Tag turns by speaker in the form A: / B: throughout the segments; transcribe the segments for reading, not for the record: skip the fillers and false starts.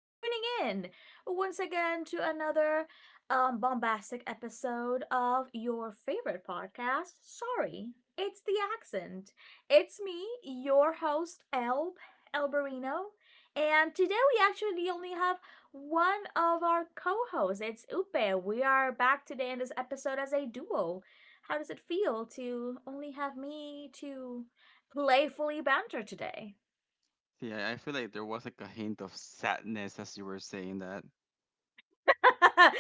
A: tuning in once again to another bombastic episode of your favorite podcast. Sorry, it's the accent. It's me, your host, Elbarino, and today we actually only have one of our co hosts. It's Upe. We are back today in this episode as a duo. How does it feel to only have me to playfully banter today?
B: See, I feel like there was like a hint of sadness as you were saying that.
A: I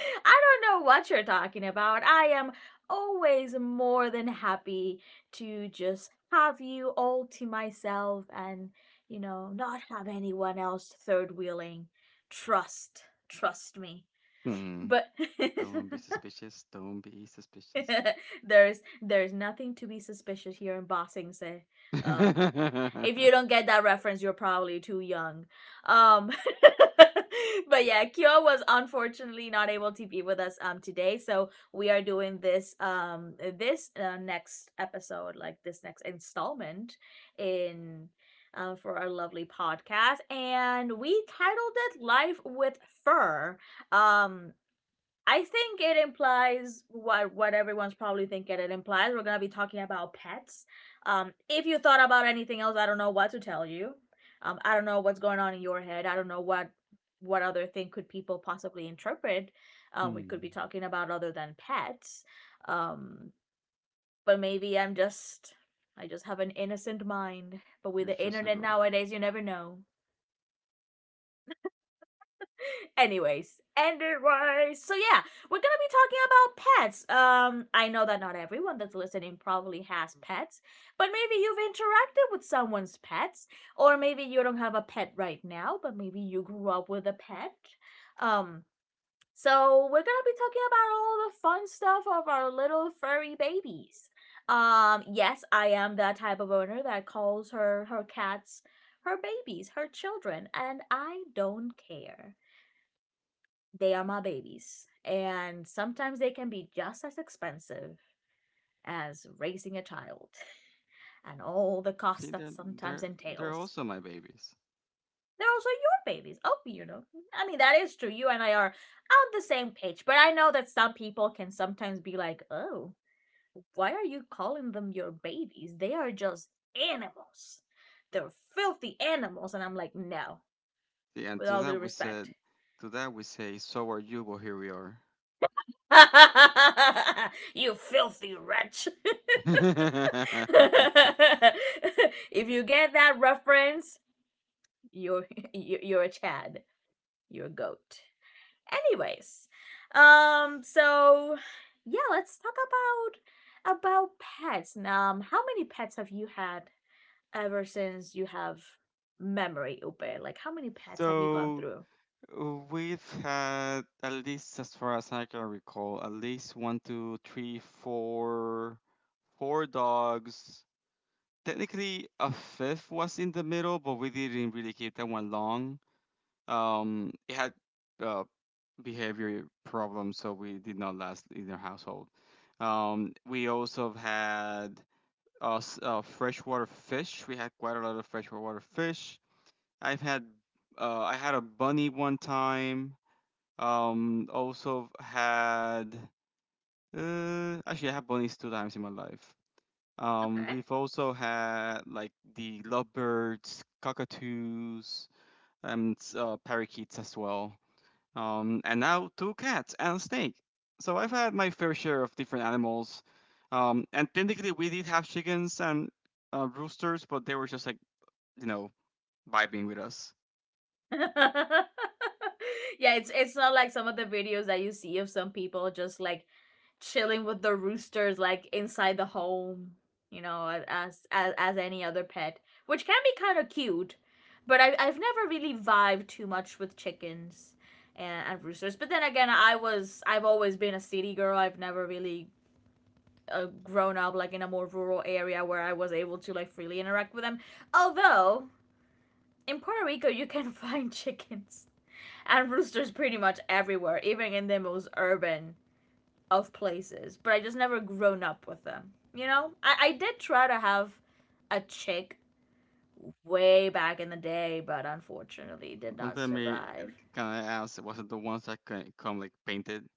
A: don't know what you're talking about. I am always more than happy to just have you all to myself and, not have anyone else third wheeling. Trust me.
B: Hmm.
A: But
B: Don't be suspicious. Don't be suspicious.
A: there's nothing to be suspicious here in boxing say. um if you don't get that reference, you're probably too young. um but yeah, kyo was unfortunately not able to be with us today, so we are doing this next episode, like this next installment in, for our lovely podcast, and we titled it Life with Fur. um I think it implies what everyone's probably thinking. It implies we're gonna be talking about pets. If you thought about anything else, I don't know what to tell you. I don't know what's going on in your head. I don't know what other thing could people possibly interpret. We could be
B: Hmm.
A: talking about other than pets. Um, but maybe I'm just I just have an innocent mind. But with
B: You're
A: the
B: just a
A: internet
B: girl.
A: nowadays, you never know. Anyways, so yeah, we're gonna be talking about pets. I know that not everyone that's listening probably has pets, but maybe you've interacted with someone's pets, or maybe you don't have a pet right now, but maybe you grew up with a pet. Um, so we're gonna be talking about all the fun stuff of our little furry babies. Yes, I am that type of owner that calls her cats her babies, her children, and I don't care. They are my babies, and sometimes they can be just as expensive as raising a child and all the costs
B: See,
A: that sometimes
B: they're they're
A: entails.
B: also my babies.
A: They're also your babies. Oh, you know. I mean, that is true. You and I are on the same page, but I know that some people can sometimes be like, oh, why are you calling them your babies? They are just animals. They're filthy animals. And I'm like, no,
B: See, and
A: with
B: to
A: all
B: that
A: due
B: we
A: respect.
B: said, to that we say, so are you. Well, here we are.
A: You filthy wretch. If you get that reference, you're you're a Chad. You're a goat. Anyways, so yeah, let's talk about pets. How many pets have you had ever since you have memory, Upe? Like, how many pets have you gone
B: So
A: through?
B: we've had at least, as far as I can recall, at least one, two, three, four, four dogs technically a fifth was in the middle, but we didn't really keep that one long. It had uh, behavior problems, so we did not last in our household. We also had freshwater fish. We had quite a lot of freshwater fish. I've had I had a bunny one time. Also had actually I had bunnies two times in my life.
A: Okay.
B: We've also had like the lovebirds, cockatoos, and parakeets as well. And now two cats and a snake. So I've had my fair share of different animals. And technically, we did have chickens and roosters, but they were just like, you know, vibing with us.
A: Yeah, it's not like some of the videos that you see of some people just like chilling with the roosters like inside the home, you know, as as any other pet, which can be kind of cute, but I've never really vibed too much with chickens and, roosters. But then again, I've always been a city girl. I've never really grown up like in a more rural area where I was able to like freely interact with them. Although in Puerto Rico, you can find chickens and roosters pretty much everywhere, even in the most urban of places. But I just never grown up with them. You know, I did try to have a chick way back in the day, but unfortunately did
B: Don't
A: not
B: tell me,
A: survive.
B: kind of ass, it wasn't the ones that come like painted.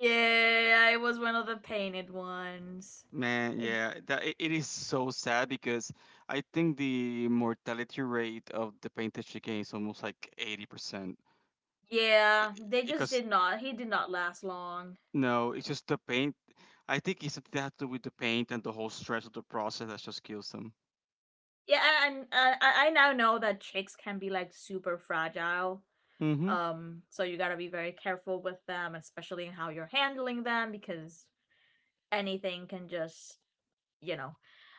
A: Yeah, I was one of the painted ones.
B: Man,
A: It,
B: yeah, that it is so sad because I think the mortality rate of the painted chicken is almost like 80%.
A: yeah, they just
B: Because
A: did not. He did not last long.
B: no, it's just the paint. I think it's something that has to do with the paint and the whole stress of the process that just kills them.
A: Yeah, and I now know that chicks can be like super fragile.
B: Mm-hmm.
A: So you gotta be very careful with them, especially in how you're handling them, because anything can just, you know.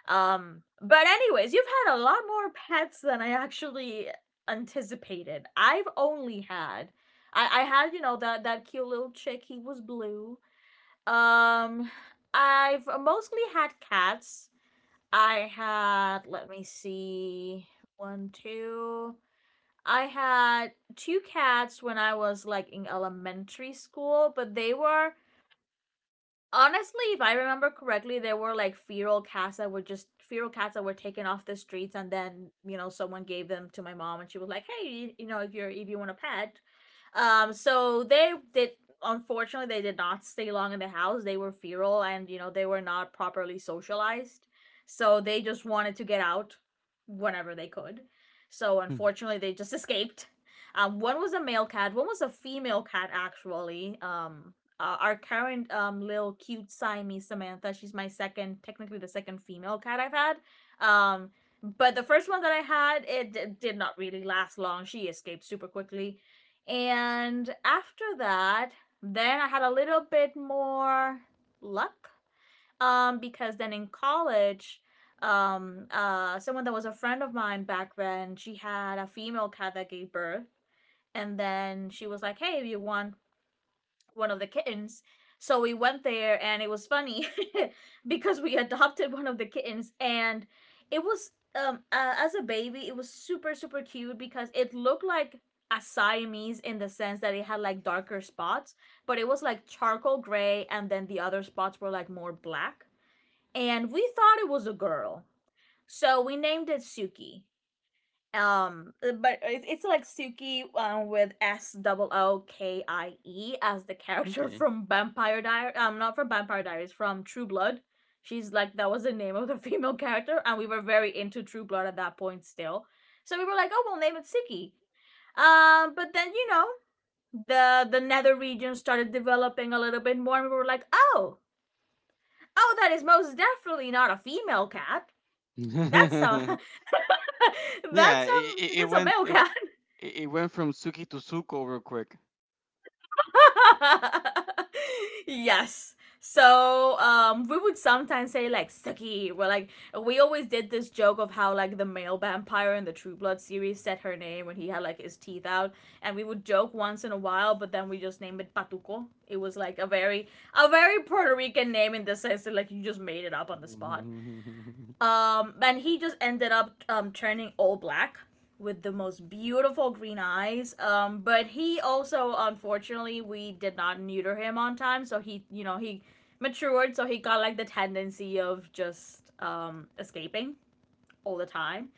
A: But anyways, you've had a lot more pets than I actually anticipated. I've only had, I had, you know, that cute little chick. He was blue. Um, I've mostly had cats. I had, let me see, one, two. I had two cats when I was like in elementary school, but they were honestly, if I remember correctly, there were like feral cats that were taken off the streets, and then you know someone gave them to my mom, and she was like, "Hey, you know, if you want a pet." So they did. Unfortunately, they did not stay long in the house. They were feral, and you know they were not properly socialized, so they just wanted to get out whenever they could. So unfortunately, they just escaped. One was a male cat, one was a female cat actually. Our current little cute Siamese Samantha. She's my second, technically the second female cat I've had. Um, but the first one that I had, did not really last long. She escaped super quickly, and after that, then I had a little bit more luck. Because then in college, someone that was a friend of mine back then, she had a female cat that gave birth, and then she was like, "Hey, if you want one of the kittens. So we went there and it was funny because we adopted one of the kittens and it was as a baby it was super super cute because it looked like a Siamese in the sense that it had like darker spots, but it was like charcoal gray and then the other spots were like more black. And we thought it was a girl. So we named it Suki. But it's like Suki with S double Okie, as the character
B: Okay.
A: from Vampire Diaries. Not from Vampire Diaries, from True Blood. She's like that was the name of the female character, and we were very into True Blood at that point still. So we were like, oh, we'll name it Suki. But then you know the nether region started developing a little bit more, and we were like, oh, oh, that is most definitely not a female cat. That's a
B: Yeah, it, it,
A: um
B: it
A: that's a
B: went
A: male
B: it
A: cat.
B: it it went from Suki to Suko real quick.
A: Yes. So we would sometimes say like Suki. Are like we always did this joke of how like the male vampire in the True Blood series said her name when he had like his teeth out, and we would joke once in a while, but then we just named it Patuco. It was like a very Puerto Rican name in the sense that like you just made it up on the spot. And he just ended up turning all black with the most beautiful green eyes. But he also, unfortunately, we did not neuter him on time, so he, you know, he matured, so he got like the tendency of just escaping all the time.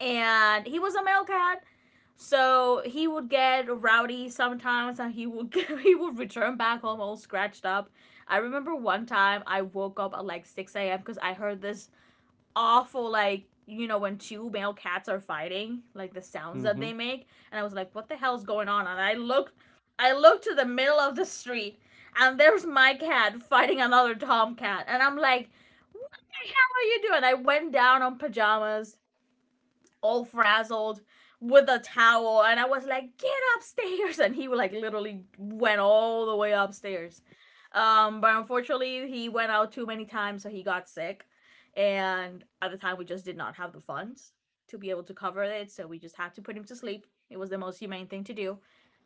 A: And he was a male cat, so he would get rowdy sometimes, and he would he would return back home all scratched up. I remember one time I woke up at like six a.m. because I heard this awful, like, you know, when two male cats are fighting, like the sounds that
B: Mm-hmm.
A: they make. And I was like, what the hell is going on? And I looked, I looked to the middle of the street, and there's my cat fighting another tomcat. And I'm like, "What the hell are you doing?" I went down on pajamas, all frazzled, with a towel, and I was like, get upstairs. And he like literally went all the way upstairs. Um, but unfortunately, he went out too many times, so he got sick. And at the time, we just did not have the funds to be able to cover it, so we just had to put him to sleep. It was the most humane thing to do.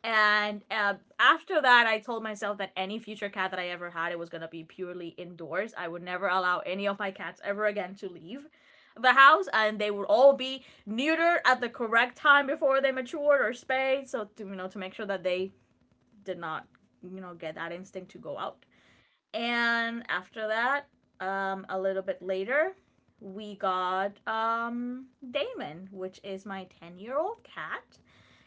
A: And after that, I told myself that any future cat that I ever had, it was gonna be purely indoors. I would never allow any of my cats ever again to leave the house, and they would all be neutered at the correct time before they matured or spayed, so to you know to make sure that they did not you know get that instinct to go out. And after that, a little bit later, we got Damon, which is my 10-year-old year old cat.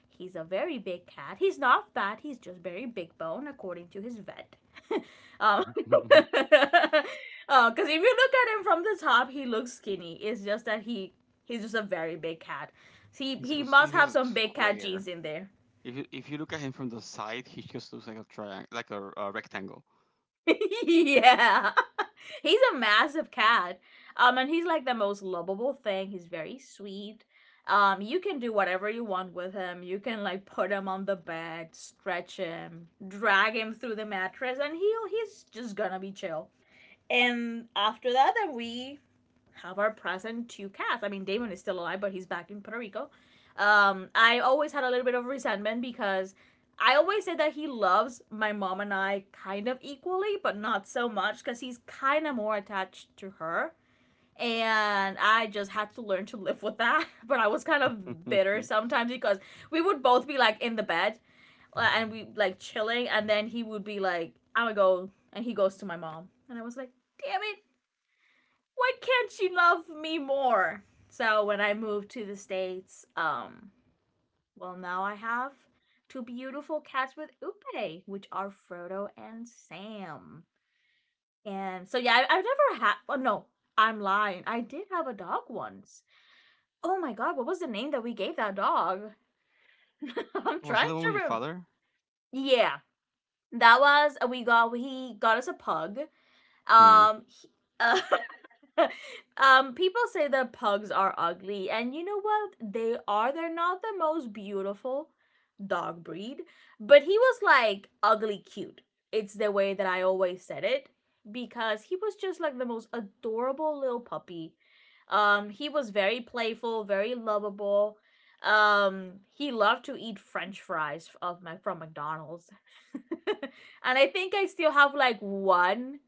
A: He's a very big cat. He's not fat, he's just very big bone, according to his vet. Because if you look at him from the top, he looks skinny. It's just that he's just a very big cat.
B: He's like
A: He must
B: he's
A: have
B: a
A: some big cat
B: square.
A: genes in there.
B: If you look at him from the side, he just looks like a triangle, like a rectangle.
A: Yeah. He's a massive cat. Um, and he's like the most lovable thing. He's very sweet. You can do whatever you want with him. You can like put him on the bed, stretch him, drag him through the mattress and he's just gonna be chill. And after that then we have our present two cats. I mean, Damon is still alive, but he's back in Puerto Rico. I always had a little bit of resentment because I always said that he loves my mom and I kind of equally, but not so much because he's kind of more attached to her. And I just had to learn to live with that. But I was kind of bitter sometimes because we would both be like in the bed and we like chilling, and then he would be like, I'm gonna go, and he goes to my mom. And I was like, damn it, why can't she love me more? So when I moved to the States, well, now I have two beautiful cats with Upe, which are Frodo and Sam. And so, yeah, I've never had, well, no, I'm lying. I did have a dog once. Oh my god, what was the name that we gave that dog? I'm
B: Was that
A: trying
B: the one
A: to
B: with your
A: remember.
B: father?
A: Yeah, we he got us a pug.
B: Hmm.
A: Um, he, uh, people say that pugs are ugly, and you know what? They are. They're not the most beautiful dog breed, but he was like ugly cute. It's the way that I always said it because he was just like the most adorable little puppy. He was very playful, very lovable. He loved to eat French fries of my from McDonald's, and I think I still have like one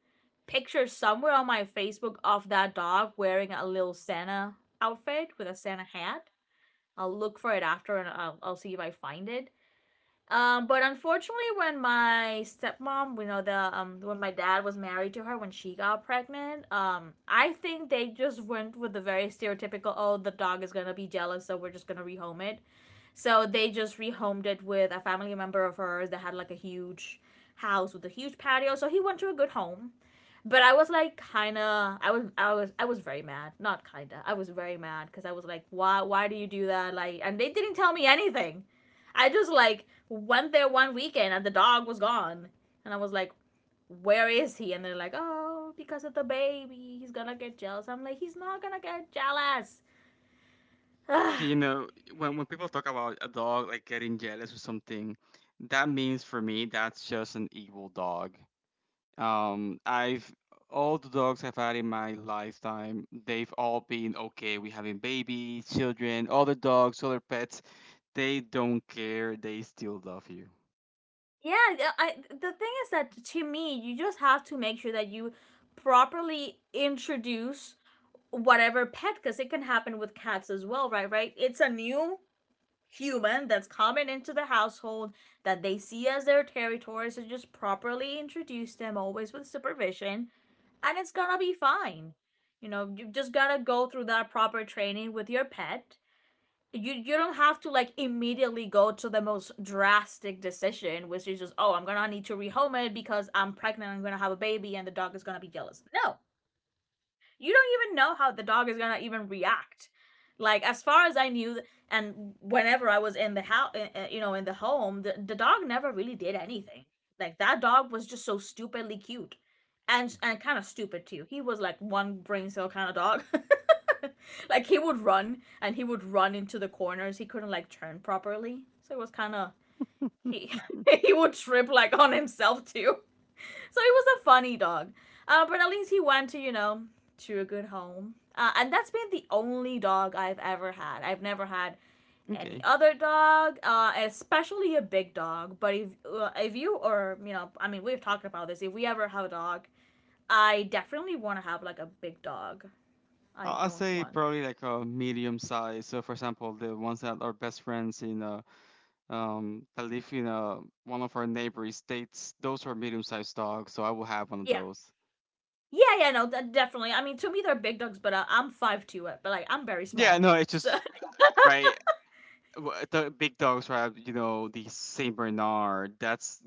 A: picture somewhere on my Facebook of that dog wearing a little Santa outfit with a Santa hat. I'll look for it after and I'll see if I find it. But unfortunately, when my stepmom, you know, the when my dad was married to her when she got pregnant, I think they just went with the very stereotypical, oh, the dog is gonna be jealous, so we're just gonna rehome it. So they just rehomed it with a family member of hers that had like a huge house with a huge patio. So he went to a good home, but I was like kinda I was very mad. Not kinda. I was very mad because I was like, why do you do that? Like, and they didn't tell me anything. I just like went there one weekend and the dog was gone. And I was like, where is he? And they're like, oh, because of the baby. He's gonna get jealous. I'm like, he's not gonna get jealous.
B: See, you know, when people talk about a dog like getting jealous or something, that means for me that's just an evil dog. I've all the dogs I've had in my lifetime, they've all been okay. We having babies, children, other dogs, other pets. They don't care. They still love you.
A: Yeah, yeah, I the thing is that to me, you just have to make sure that you properly introduce whatever pet because it can happen with cats as well, Right? It's a new human that's coming into the household that they see as their territory, so just properly introduce them always with supervision and it's gonna be fine. You know, you just gotta go through that proper training with your pet. You don't have to like immediately go to the most drastic decision, which is just, oh, I'm gonna need to rehome it because I'm pregnant, I'm gonna have a baby and the dog is gonna be jealous. No, you don't even know how the dog is gonna even react. Like as far as I knew, and whenever I was in the house, you know, in the home, the dog never really did anything. Like that dog was just so stupidly cute, and kind of stupid too. He was like one brain cell kind of dog. like he would run and he would run into the corners. He couldn't like turn properly, so it was kind of he he would trip like on himself too. So he was a funny dog. But at least he went to, you know, to a good home. And that's been the only dog I've ever had. I've never had any
B: Okay.
A: other dog, especially a big dog. But if you, or you know, I mean, we've talked about this. If we ever have a dog, I definitely want to have like a big dog. I
B: I- I'll
A: don't
B: say
A: want.
B: probably like a medium size. So, for example, the ones that are best friends in that live in one of our neighboring states, those are medium sized dogs. So I will have one of
A: Yeah,
B: those.
A: yeah, yeah. No, that definitely. I mean, to me, they're big dogs, but I'm 5'2", but like I'm very
B: Yeah,
A: small.
B: no, it's
A: So
B: just right. The big dogs, right? You know, the Saint Bernard. That's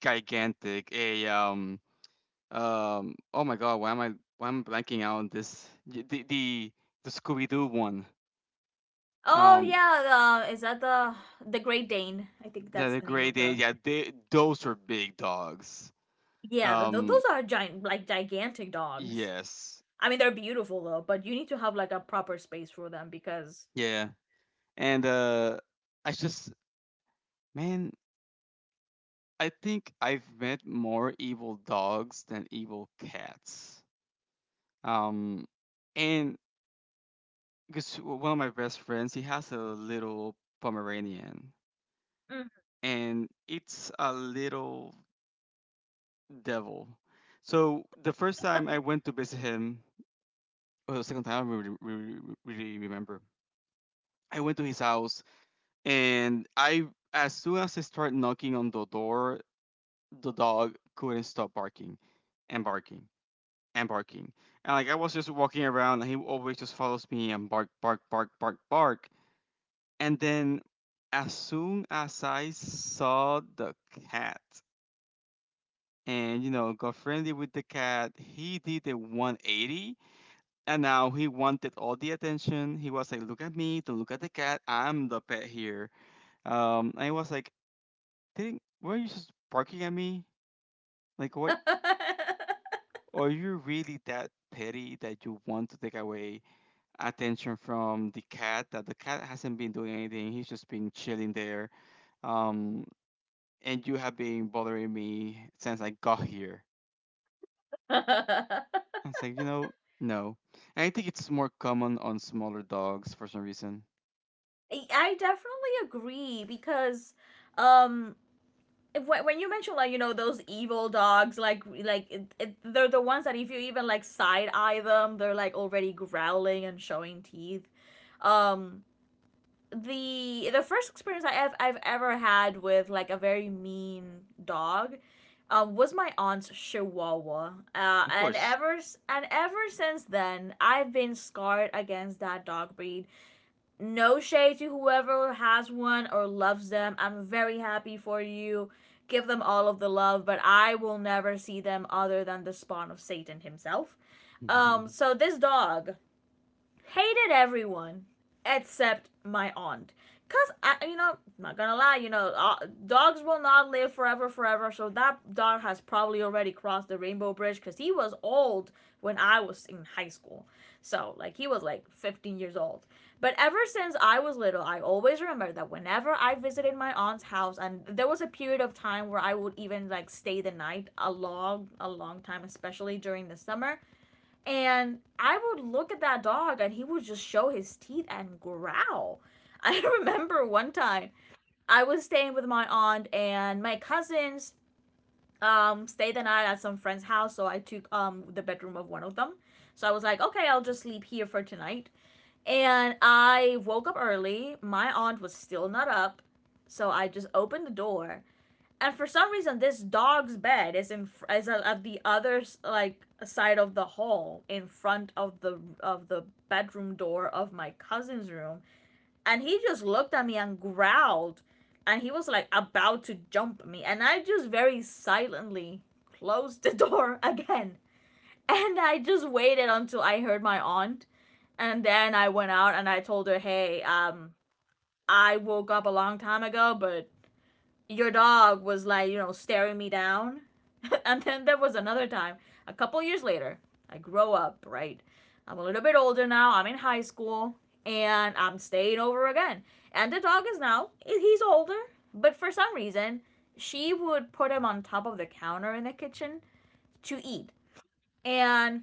B: gigantic. A um. Oh my God, why am I blanking out on this? The the Scooby Doo one.
A: oh
B: Um,
A: yeah, is that the Great Dane? I think
B: yeah,
A: that's
B: the
A: the name
B: Great
A: of
B: Dane.
A: the.
B: Yeah, they those are big dogs.
A: Yeah, th th
B: Um,
A: those are giant, like gigantic dogs.
B: yes.
A: I mean, they're beautiful though, but you need to have like a proper space for them because.
B: Yeah. And I just man, I think I've met more evil dogs than evil cats. Um and because one of my best friends, he has a little Pomeranian
A: Mm.
B: and it's a little devil. So the first time I went to visit him, or the second time, I don't really remember. I went to his house and I as soon as I started knocking on the door, the dog couldn't stop barking and barking and barking. And like I was just walking around and he always just follows me and bark, bark, bark, bark, bark. And then as soon as I saw the cat and you know got friendly with the cat, he did a 180 and now he wanted all the attention. He was like, look at me, don't look at the cat, I'm the pet here. And I was like, didn't weren't you just barking at me? Like what are you really that petty that you want to take away attention from the cat? That the cat hasn't been doing anything. He's just been chilling there. Um, and you have been bothering me since I got here.
A: I
B: And it's like, you know, no. And I think it's more common on smaller dogs for some reason.
A: I definitely agree because, um, if, when you mention like you know those evil dogs, like they're the ones that if you even like side eye them, they're like already growling and showing teeth. Um, the first experience I've ever had with like a very mean dog was my aunt's chihuahua,
B: Of course.
A: and ever since then I've been scarred against that dog breed. No shade to whoever has one or loves them, I'm very happy for you. Give them all of the love, but I will never see them other than the spawn of Satan himself. So this dog hated everyone except my aunt. Cause I, you know, not gonna lie, you know, dogs will not live forever, forever. So that dog has probably already crossed the rainbow bridge. Cause he was old when I was in high school. So like he was like 15 years old. But ever since I was little, I always remember that whenever I visited my aunt's house, and there was a period of time where I would even like stay the night a long time, especially during the summer. And I would look at that dog and he would just show his teeth and growl. I remember one time I was staying with my aunt and my cousins stayed the night at some friend's house, so I took the bedroom of one of them. So I was like, okay, I'll just sleep here for tonight. And I woke up early. My aunt was still not up. So I just opened the door and for some reason this dog's bed is at the other like side of the hall in front of the bedroom door of my cousin's room, and he just looked at me and growled, and he was like about to jump me, and I just very silently closed the door again, and I just waited until I heard my aunt, and then I went out and I told her, hey, I woke up a long time ago, but your dog was like, you know, staring me down. And then there was another time, a couple years later, I grow up, right? I'm a little bit older now. I'm in high school and I'm staying over again. And the dog is now, he's older, but for some reason, she would put him on top of the counter in the kitchen to eat. And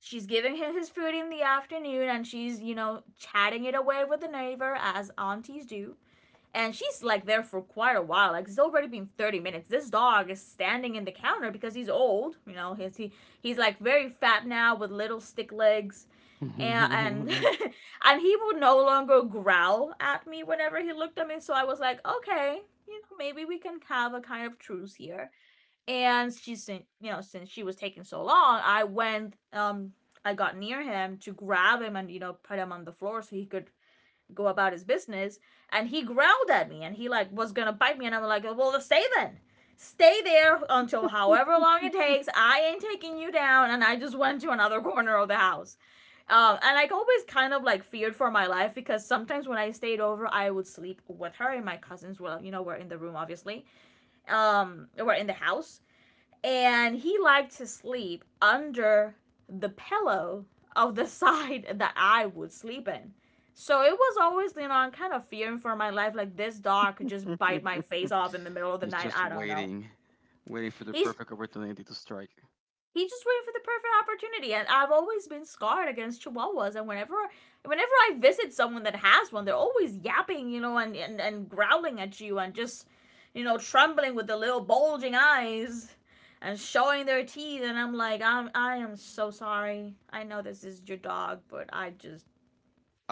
A: she's giving him his food in the afternoon and she's, you know, chatting it away with the neighbor as aunties do. And she's like there for quite a while. Like it's already been 30 minutes. This dog is standing in the counter because he's old. You know, he's like very fat now with little stick legs. And and he would no longer growl at me whenever he looked at me. So I was like, okay, you know, maybe we can have a kind of truce here. And she's, you know, since she was taking so long, I went, I got near him to grab him and you know put him on the floor so he could go about his business, and he growled at me and he like was gonna bite me, and I'm like, well, stay then. Stay there until however long it takes, I ain't taking you down. And I just went to another corner of the house. And I always kind of like feared for my life because sometimes when I stayed over I would sleep with her and my cousins were you know were in the room obviously, were in the house, and he liked to sleep under the pillow of the side that I would sleep in. So it was always, you know, I'm kind of fearing for my life. Like this dog could just bite my face off in the middle of the
B: He's
A: night.
B: just
A: I don't know.
B: waiting, waiting for the
A: He's
B: perfect opportunity to strike.
A: he just waiting for the perfect opportunity. And I've always been scarred against chihuahuas. And whenever I visit someone that has one, they're always yapping, you know, and growling at you and just, you know, trembling with the little bulging eyes and showing their teeth. And I'm like, I'm, I am so sorry. I know this is your dog, but I just,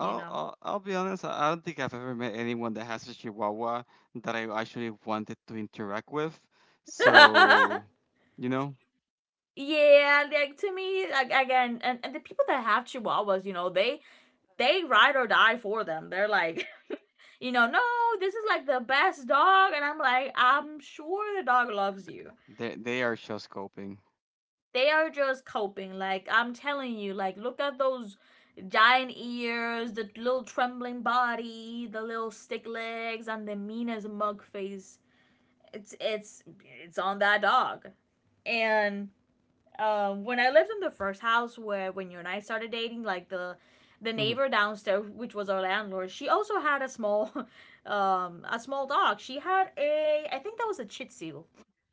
A: you know.
B: I'll I'll be honest. I don't think I've ever met anyone that has a Chihuahua that I actually wanted to interact with. So, you know,
A: Yeah, like to me, like, again, and the people that have chihuahuas, you know, they ride or die for them. They're like, you know, no, this is like the best dog. And I'm like, I'm sure the dog loves you.
B: they are just coping.
A: They are just coping. Like, I'm telling you, like, look at those giant ears, the little trembling body, the little stick legs, and the mean as mug face. It's it's it's on that dog. And when I lived in the first house where when you and I started dating, like the
B: Mhm.
A: neighbor downstairs, which was our landlord, she also had a small a small dog. She had a I think that was a Chih Tzu.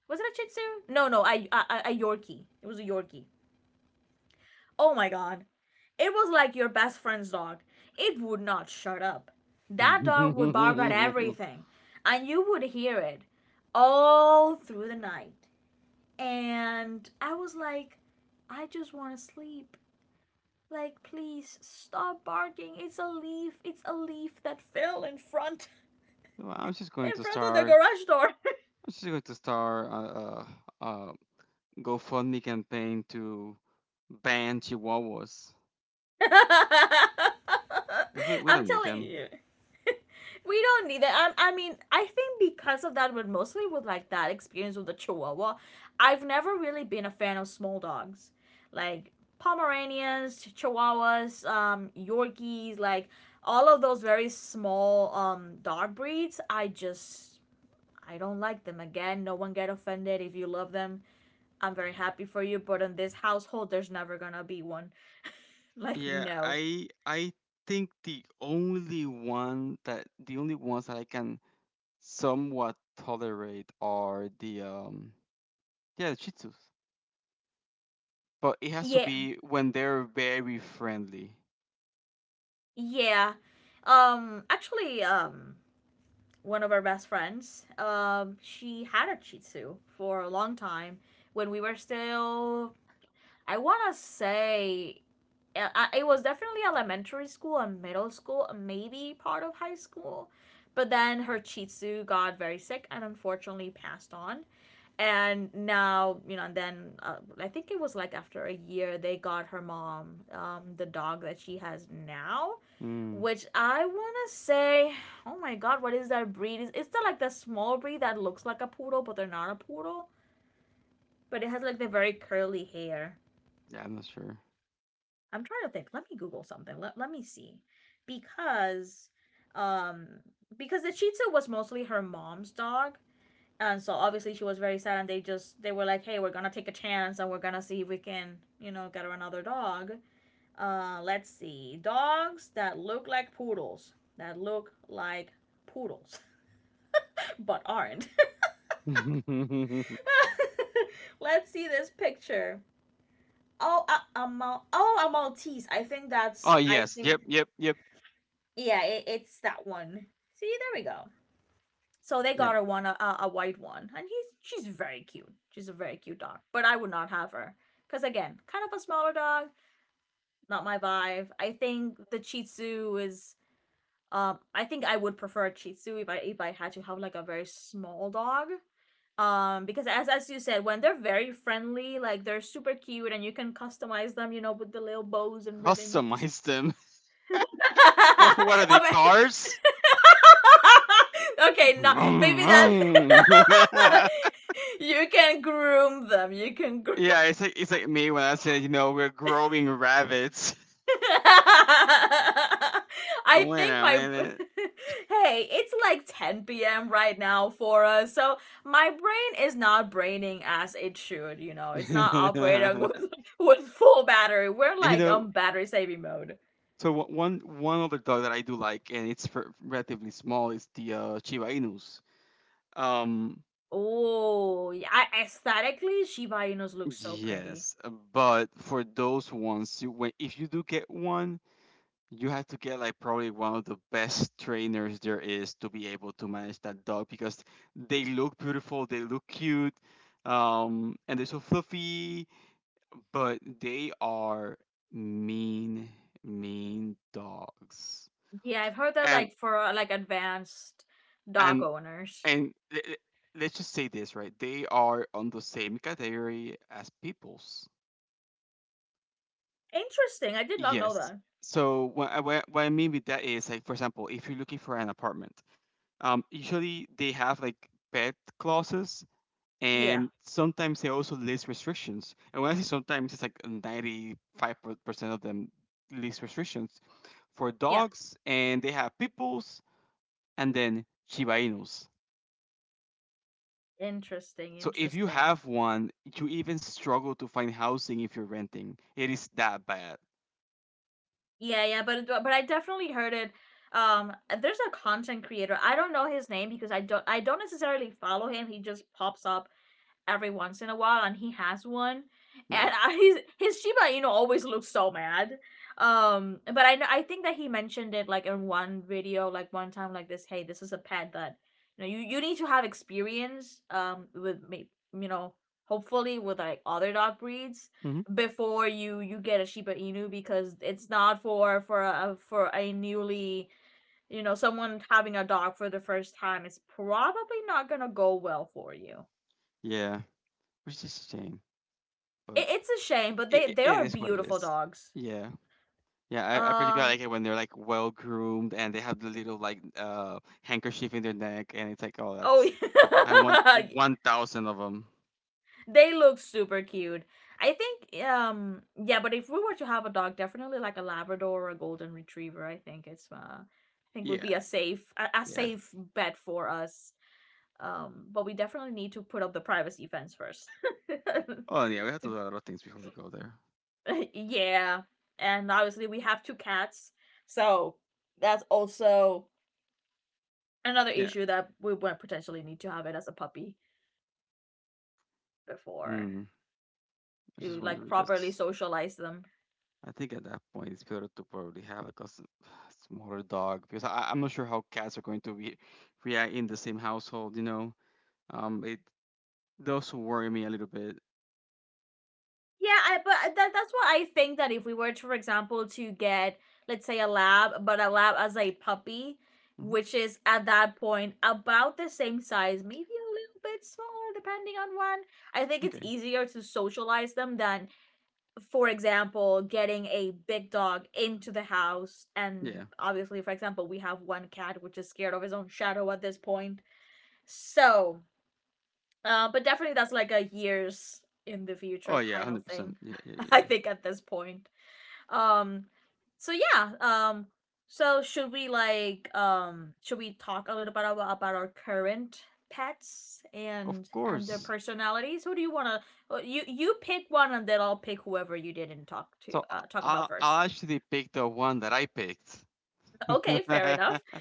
A: Was it a Chih Tzu? No, a Yorkie. It was a Yorkie. Oh my god. It was like your best friend's dog. It would not shut up. That dog would bark at everything, and you would hear it all through the night. And I was like, I just want to sleep. Like, please stop barking. It's a leaf. It's a leaf that fell in front
B: Well,
A: in front of the garage door.
B: I'm just going to start a GoFundMe campaign to ban Chihuahuas. We
A: I'm
B: don't need
A: telling
B: them.
A: you. We don't need that. I mean, I think because of that, but mostly with like that experience with the Chihuahua, I've never really been a fan of small dogs. Like Pomeranians, Chihuahuas, Yorkies, like all of those very small dog breeds, I just I don't like them. Again, no one get offended if you love them. I'm very happy for you, but in this household there's never gonna be one. Like
B: Yeah,
A: no.
B: I think the only ones that I can somewhat tolerate are the yeah the Shih Tzus, but it has to
A: Yeah.
B: be when they're very friendly.
A: Yeah. Actually one of our best friends, she had a Shih Tzu for a long time when we were still I want to say it was definitely elementary school and middle school, maybe part of high school. But then her Shih Tzu got very sick and unfortunately passed on. And now, you know, and then I think it was like after a year they got her mom the dog that she has now,
B: Mm,
A: which I want to say, oh my god, what is that breed? Is it's the like the small breed that looks like a poodle but they're not a poodle, but it has like the very curly hair.
B: yeah, I'm not sure.
A: I'm trying to think, let me google something, let me see, because um because the Chitza was mostly her mom's dog. And so obviously she was very sad, and they were like, hey, we're gonna take a chance and we're gonna see if we can, you know, get her another dog. Uh, let's see, dogs that look like poodles, that look like poodles but aren't. Let's see this picture. Oh, a maltese, I think
B: Oh
A: that's, I
B: yes,
A: think.
B: yep, yep, yep.
A: Yeah, it's that one. See, there we go. So they
B: Yeah,
A: got her one, a white one, and he's she's very cute. She's a very cute dog, but I would not have her because again, kind of a smaller dog, not my vibe. I think the Shih Tzu is. I think I would prefer a Shih Tzu if I had to have like a very small dog. Because as you said, when they're very friendly, like they're super cute, and you can customize them, you know, with the little bows and ribbons.
B: customize them. What are they
A: I mean,
B: cars?
A: okay, now
B: Vroom,
A: maybe that
B: vroom. Yeah,
A: you can groom them. You can groom.
B: it's like me when I said you know we're growing rabbits.
A: I
B: Oh, wait
A: think
B: a
A: my
B: minute.
A: hey, it's like 10 p.m. right now for us, so my brain is not braining as it should. You know, it's not operating with with full battery. We're
B: And you
A: like
B: know,
A: on battery saving mode.
B: so one one other dog that I do like, and it's relatively small, is the Chiba Inus. Um,
A: Oh, yeah. I, aesthetically, Shiba Inus look so pretty.
B: yes, but for those ones, you, when, if you do get one, you have to get like probably one of the best trainers there is to be able to manage that dog because they look beautiful, they look cute, and they're so fluffy, but they are mean, mean dogs.
A: Yeah, I've heard that
B: And
A: like for like advanced dog
B: and
A: owners.
B: And le- le- let's just say this, right? They are on the same category as peoples.
A: Interesting. I did not know
B: Yes.
A: that.
B: So what I mean with that is, like, for example, if you're looking for an apartment, usually they have like pet clauses,
A: Yeah.
B: and sometimes they also list restrictions. And when I say sometimes, it's like 95% of them list restrictions for
A: Yeah.
B: dogs, and they have peoples and then Shiba Inus.
A: Interesting.
B: So if you
A: Interesting.
B: have one, you even struggle to find housing if you're renting. It is that bad.
A: Yeah, but I definitely heard it. Um, there's a content creator. I don't know his name because I don't necessarily follow him. He just pops up every once in a while, and he has one.
B: Yeah.
A: And I, his Shiba Inu always looks so mad. But I know I think that he mentioned it like in one video, like one time, like this. Hey, this is a pet that you know you need to have experience with me, you know, hopefully with like other dog breeds
B: Hmm.
A: before you get a Shiba Inu, because it's not for a newly, you know, someone having a dog for the first time, it's probably not gonna go well for you.
B: Yeah. Which is a shame, but
A: It's a shame, but they
B: it,
A: they
B: it
A: are
B: is what it
A: beautiful
B: is.
A: dogs.
B: Yeah. Yeah, I particularly like
A: Um.
B: it when they're like well groomed and they have the little like handkerchief in their neck and it's like oh
A: Oh,
B: that's I want
A: yeah.
B: 1,000 of them.
A: They look super cute. I think. Yeah, but if we were to have a dog, definitely like a Labrador or a Golden Retriever. I think it's. I think would
B: Yeah.
A: be a
B: Yeah.
A: safe bet for us. But we definitely need to put up the privacy fence first.
B: Oh yeah, we have to
A: To-
B: do a lot of things before we go there.
A: yeah, and obviously we have two cats, so that's also another
B: Yeah.
A: issue that we would potentially need to have it as a puppy before
B: Mm. I was just
A: to
B: wonder
A: like properly
B: because
A: socialize them.
B: I think at that point it's better to probably have like a smaller dog because I'm not sure how cats are going to be react in the same household. You know, it does worry me a little bit.
A: Yeah, I, but that's what I think that if we were to, for example, to get let's say a lab, but a lab as a puppy,
B: Hmm.
A: which is at that point about the same size, maybe a little bit smaller depending on one. I think it's
B: Okay,
A: easier to socialize them than, for example, getting a big dog into the house. And
B: yeah.
A: obviously, for example, we have one cat which is scared of his own shadow at this point. So, but definitely that's like a years in the
B: Oh
A: future
B: yeah,
A: kind of
B: hundred
A: thing.
B: percent. Yeah, yeah, yeah,
A: I
B: yeah.
A: think at this point. Um, so yeah. So should we like should we talk a little bit about our current pets
B: Of
A: and their
B: course.
A: personalities? Who do you wanna? Uh, you pick one and then I'll pick whoever you didn't talk to
B: So
A: talk about first.
B: I actually picked the one that I picked.
A: Okay, fair enough.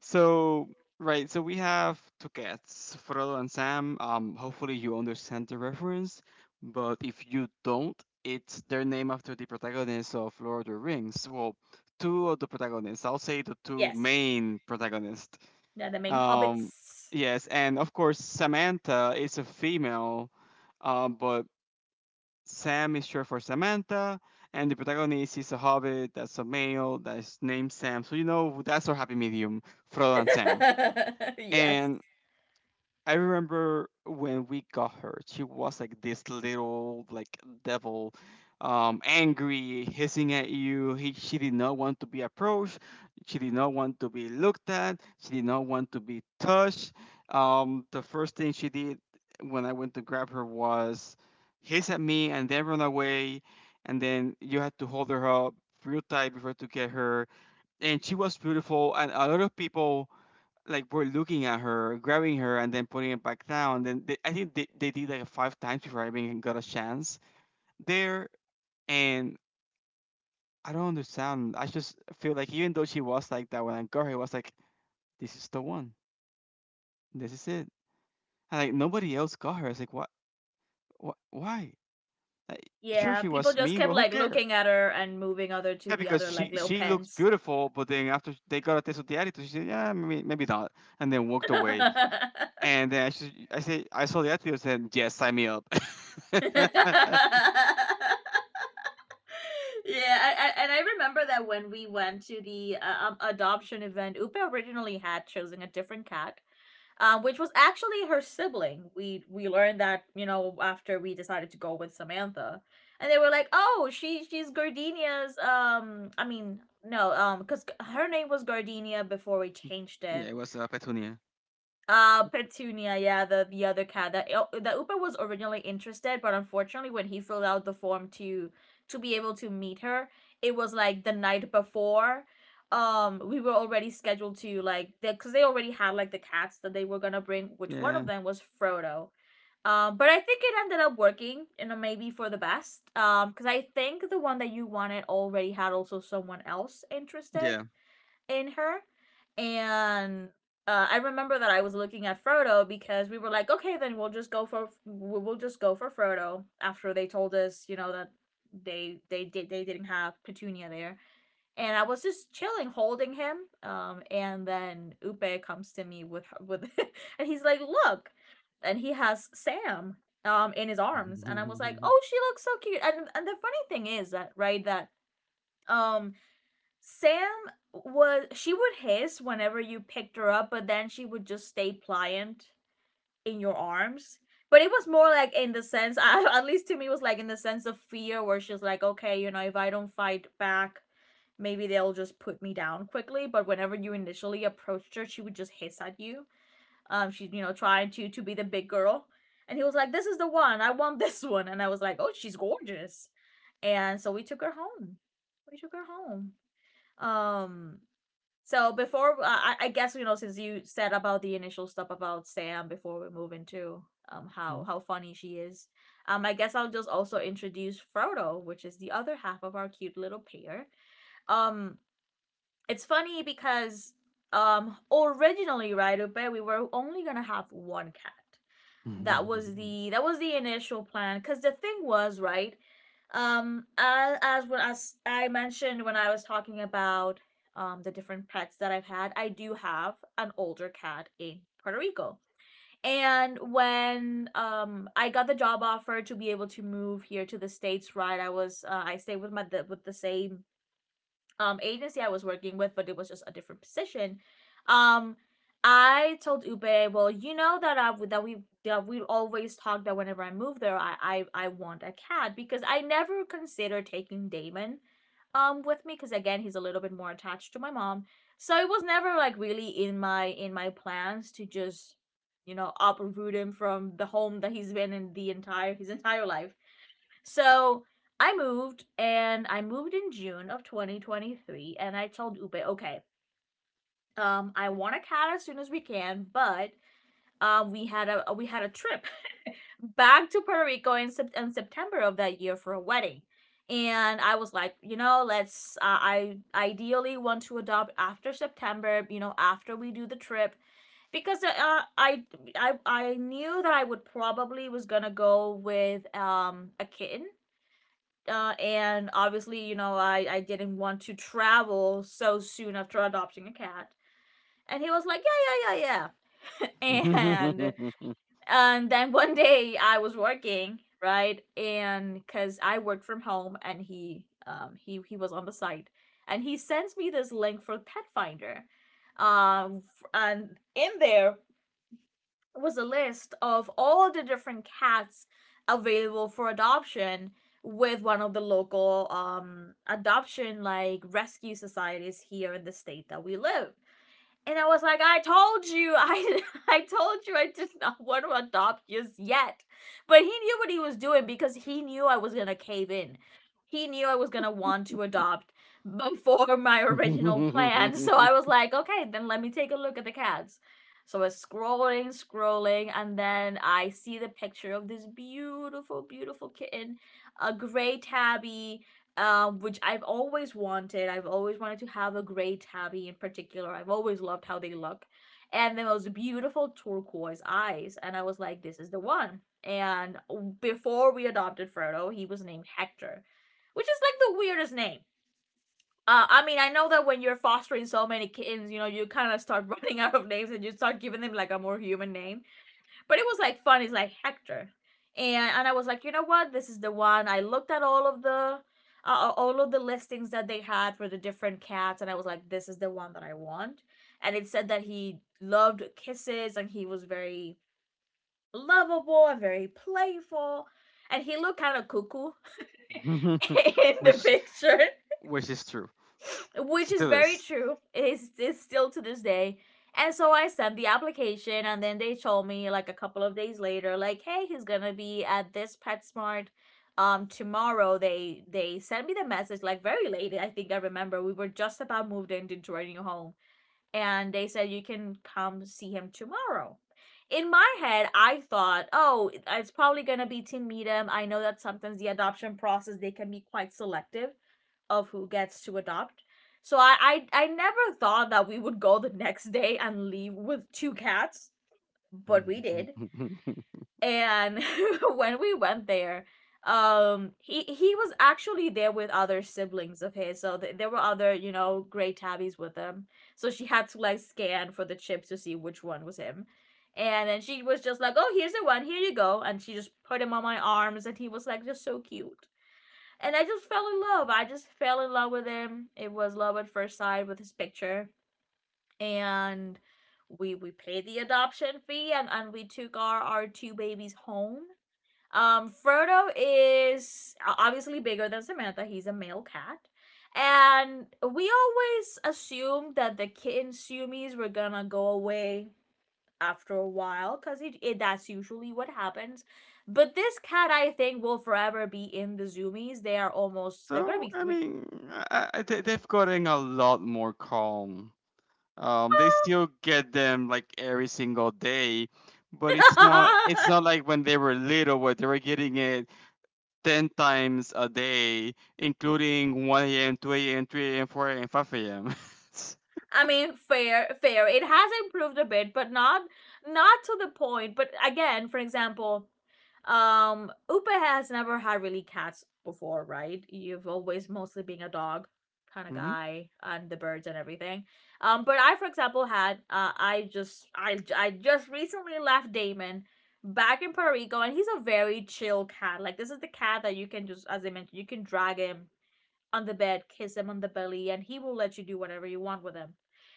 B: So right, so we have two cats, Frollo and Sam. Hopefully you understand the reference, but if you don't, it's their name after the protagonists of Lord of the Rings. Well, two of the protagonists. I'll say the two
A: Yes.
B: main protagonists.
A: They're the main
B: Um,
A: hobbits.
B: yes, and of course Samantha is a female, but Sam is short for Samantha, and the protagonist is a hobbit that's a male that's named Sam. So you know that's our happy medium, Frollo and Sam.
A: Yes.
B: And I remember when we got her, she was like this little like devil, angry, hissing at you. He, she did not want to be approached. She did not want to be looked at. She did not want to be touched. The first thing she did when I went to grab her was hiss at me and then run away. And then you had to hold her up real tight before to get her. And she was beautiful. And a lot of people like were looking at her, grabbing her, and then putting it back down. Then they, I think they did like five times before I even got a chance there. And I don't understand. I just feel like even though she was like that when I got her, it was like this is the one. This is it. And like nobody else got her. It's like what? What? Why? Like, sure,
A: Yeah,
B: she
A: people
B: was
A: just
B: mean, but
A: kept
B: who
A: like
B: cares?
A: looking at her and moving other to
B: Yeah,
A: the
B: because
A: other like little
B: she looks
A: pens.
B: beautiful, but then after they got a taste of the attitude, she said, "Yeah, maybe maybe not," and then walked away.
A: Yeah,
B: And then I, should, I say I saw the attitude and said, "Yes, sign me up."
A: I, and I remember that when we went to the adoption event, Upe originally had chosen a different cat, which was actually her sibling. We learned that, you know, after we decided to go with Samantha, and they were like, "Oh, she's Gardenia's." I mean, no, because her name was Gardenia before we changed
B: Yeah,
A: it.
B: it was up, Petunia?
A: Petunia, yeah, the other cat that that Upa was originally interested, but unfortunately, when he filled out the form to be able to meet her, it was like the night before. We were already scheduled to like because they already had like the cats that they were gonna bring, which one
B: Yeah,
A: of them was Frodo. But I think it ended up working, you know, maybe for the best. Because I think the one that you wanted already had also someone else interested
B: yeah.
A: in her. And I remember that I was looking at Frodo because we were like, okay, then we'll just go for we- will just go for Frodo after they told us, you know, that they did they didn't have Petunia there. And I was just chilling, holding him. And then Upe comes to me and he's like, "Look," and he has Sam in his arms, and I was like, "Oh, she looks so cute." And the funny thing is that right that um Sam was she would hiss whenever you picked her up, but then she would just stay pliant in your arms. But it was more like in the sense, I, at least to me, it was like in the sense of fear, where she's like, okay, you know, if I don't fight back, maybe they'll just put me down quickly. But whenever you initially approached her, she would just hiss at you. She's, you know, trying to be the big girl, and he was like, this is the one, I want this one, and I was like, oh, she's gorgeous, and so we took her home. We took her home. Um, so before I guess since you said about the initial stuff about Sam before we move into how funny she is, I guess I'll just also introduce Frodo, which is the other half of our cute little pair. Um, it's funny because originally, right, Upe, we were only gonna have one cat. That was the initial plan because the thing was, right, as I mentioned when I was talking about the different pets that I've had. I do have an older cat in Puerto Rico, and when I got the job offer to be able to move here to the States, right, I was I stayed with with the same agency I was working with, but it was just a different position. Um, I told Ube, well, you know that I that we always talked that whenever I move there, I want a cat, because I never considered taking Damon with me, because again, he's a little bit more attached to my mom, so it was never like really in my plans to just uproot him from the home that he's been in the entire his entire life. So I moved, and I moved in June of 2023, and I told Upe, okay, I want a cat as soon as we can, but we had a trip back to Puerto Rico in, in September of that year for a wedding, and I was like, you know, let's. I ideally want to adopt after September, you know, after we do the trip, because I knew that I would probably was gonna go with a kitten, and obviously, you know, I didn't want to travel so soon after adopting a cat. And he was like, yeah, yeah, yeah, yeah. and and then one day I was working, right? And because I worked from home, and he he was on the site, and he sends me this link for Pet Finder, um, and in there was a list of all the different cats available for adoption with one of the local adoption, like, rescue societies here in the state that we live. And I was like, I told you, I told you I did not want to adopt just yet. But he knew what he was doing, because he knew I was gonna cave in. He knew I was gonna want to adopt before my original plan. So I was like, okay, then let me take a look at the cats. So I was scrolling, scrolling, and then I see the picture of this beautiful, beautiful kitten, a gray tabby, which I've always wanted. I've always wanted to have a gray tabby in particular. I've always loved how they look. And the most beautiful turquoise eyes. And I was like, this is the one. And before we adopted Frodo, he was named Hector, which is like the weirdest name. I mean, I know that when you're fostering so many kittens, you know, you kind of start running out of names, and you start giving them like a more human name, but it was like fun. It's like Hector, and I was like, you know what? This is the one. I looked at all of the listings that they had for the different cats, and I was like, this is the one that I want. And it said that he loved kisses, and he was very lovable and very playful, and he looked kind of cuckoo in the
B: which
A: picture,
B: which is true,
A: which is
B: still
A: very
B: is.
A: true. It's still to this day. And so I sent the application, and then they told me like a couple of days later, like, hey, he's gonna be at this PetSmart tomorrow. They sent me the message like very late. I think I remember we were just about moved in into our new home, and they said you can come see him tomorrow. In my head I thought, oh, it's probably going to be to meet him. I know that sometimes the adoption process, they can be quite selective of who gets to adopt. So I never thought that we would go the next day and leave with two cats, but we did. And when we went there, he was actually there with other siblings of his, so there were other, you know, gray tabbies with him, so she had to like scan for the chips to see which one was him. And then she was just like, oh, here's the one, here you go, and she just put him on my arms, and he was like just so cute, and I just fell in love. I just fell in love with him. It was love at first sight with his picture. And we paid the adoption fee, and, we took our two babies home. Frodo is obviously bigger than Samantha. He's a male cat. And we always assumed that the kitten Sumis were gonna go away after a while, because it that's usually what happens. But this cat, I think, will forever be in the zoomies. They are almost, they're gonna
B: So
A: be
B: I
A: three.
B: mean, they- they've gotten a lot more calm. They still get them like every single day, but it's not like when they were little where they were getting it 10 times a day, including 1 a.m., 2 a.m., 3 a.m., 4 a.m., 5 a.m.
A: I mean, fair, fair. It has improved a bit, but not not to the point. But again, for example, Upa has never had really cats before, right? You've always mostly been a dog kind of guy, and the birds and everything. But I, for example, had I just I just recently left Damon back in Puerto Rico, and he's a very chill cat. Like this is the cat that you can just, as I mentioned, you can drag him on the bed, kiss him on the belly, and he will let you do whatever you want with him.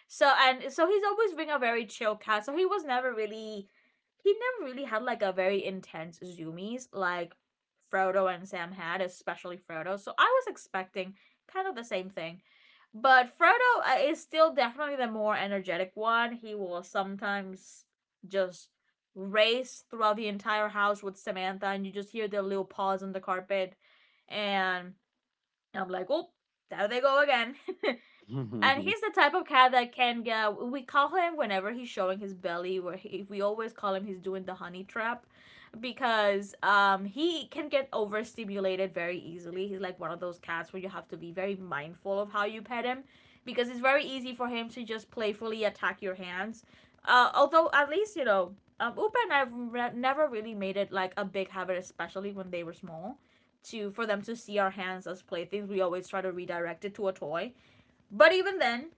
A: So, and so he's always been a very chill cat. So he was never really he never really had like a very intense zoomies like Frodo and Sam had, especially Frodo. So I was expecting kind of the same thing. But Frodo is still definitely the more energetic one. He will sometimes just race throughout the entire house with Samantha, and you just hear their little paws on the carpet. And and I'm like, oh, there they go again. And
B: Mhm.
A: he's the type of cat that can get. We call him whenever he's showing his belly. Where he, we always call him, he's doing the honey trap, because he can get overstimulated very easily. He's like one of those cats where you have to be very mindful of how you pet him, because it's very easy for him to just playfully attack your hands. Although at least, you know, Upa and I've never really made it like a big habit, especially when they were small, to for them to see our hands as playthings. We always try to redirect it to a toy. But even then,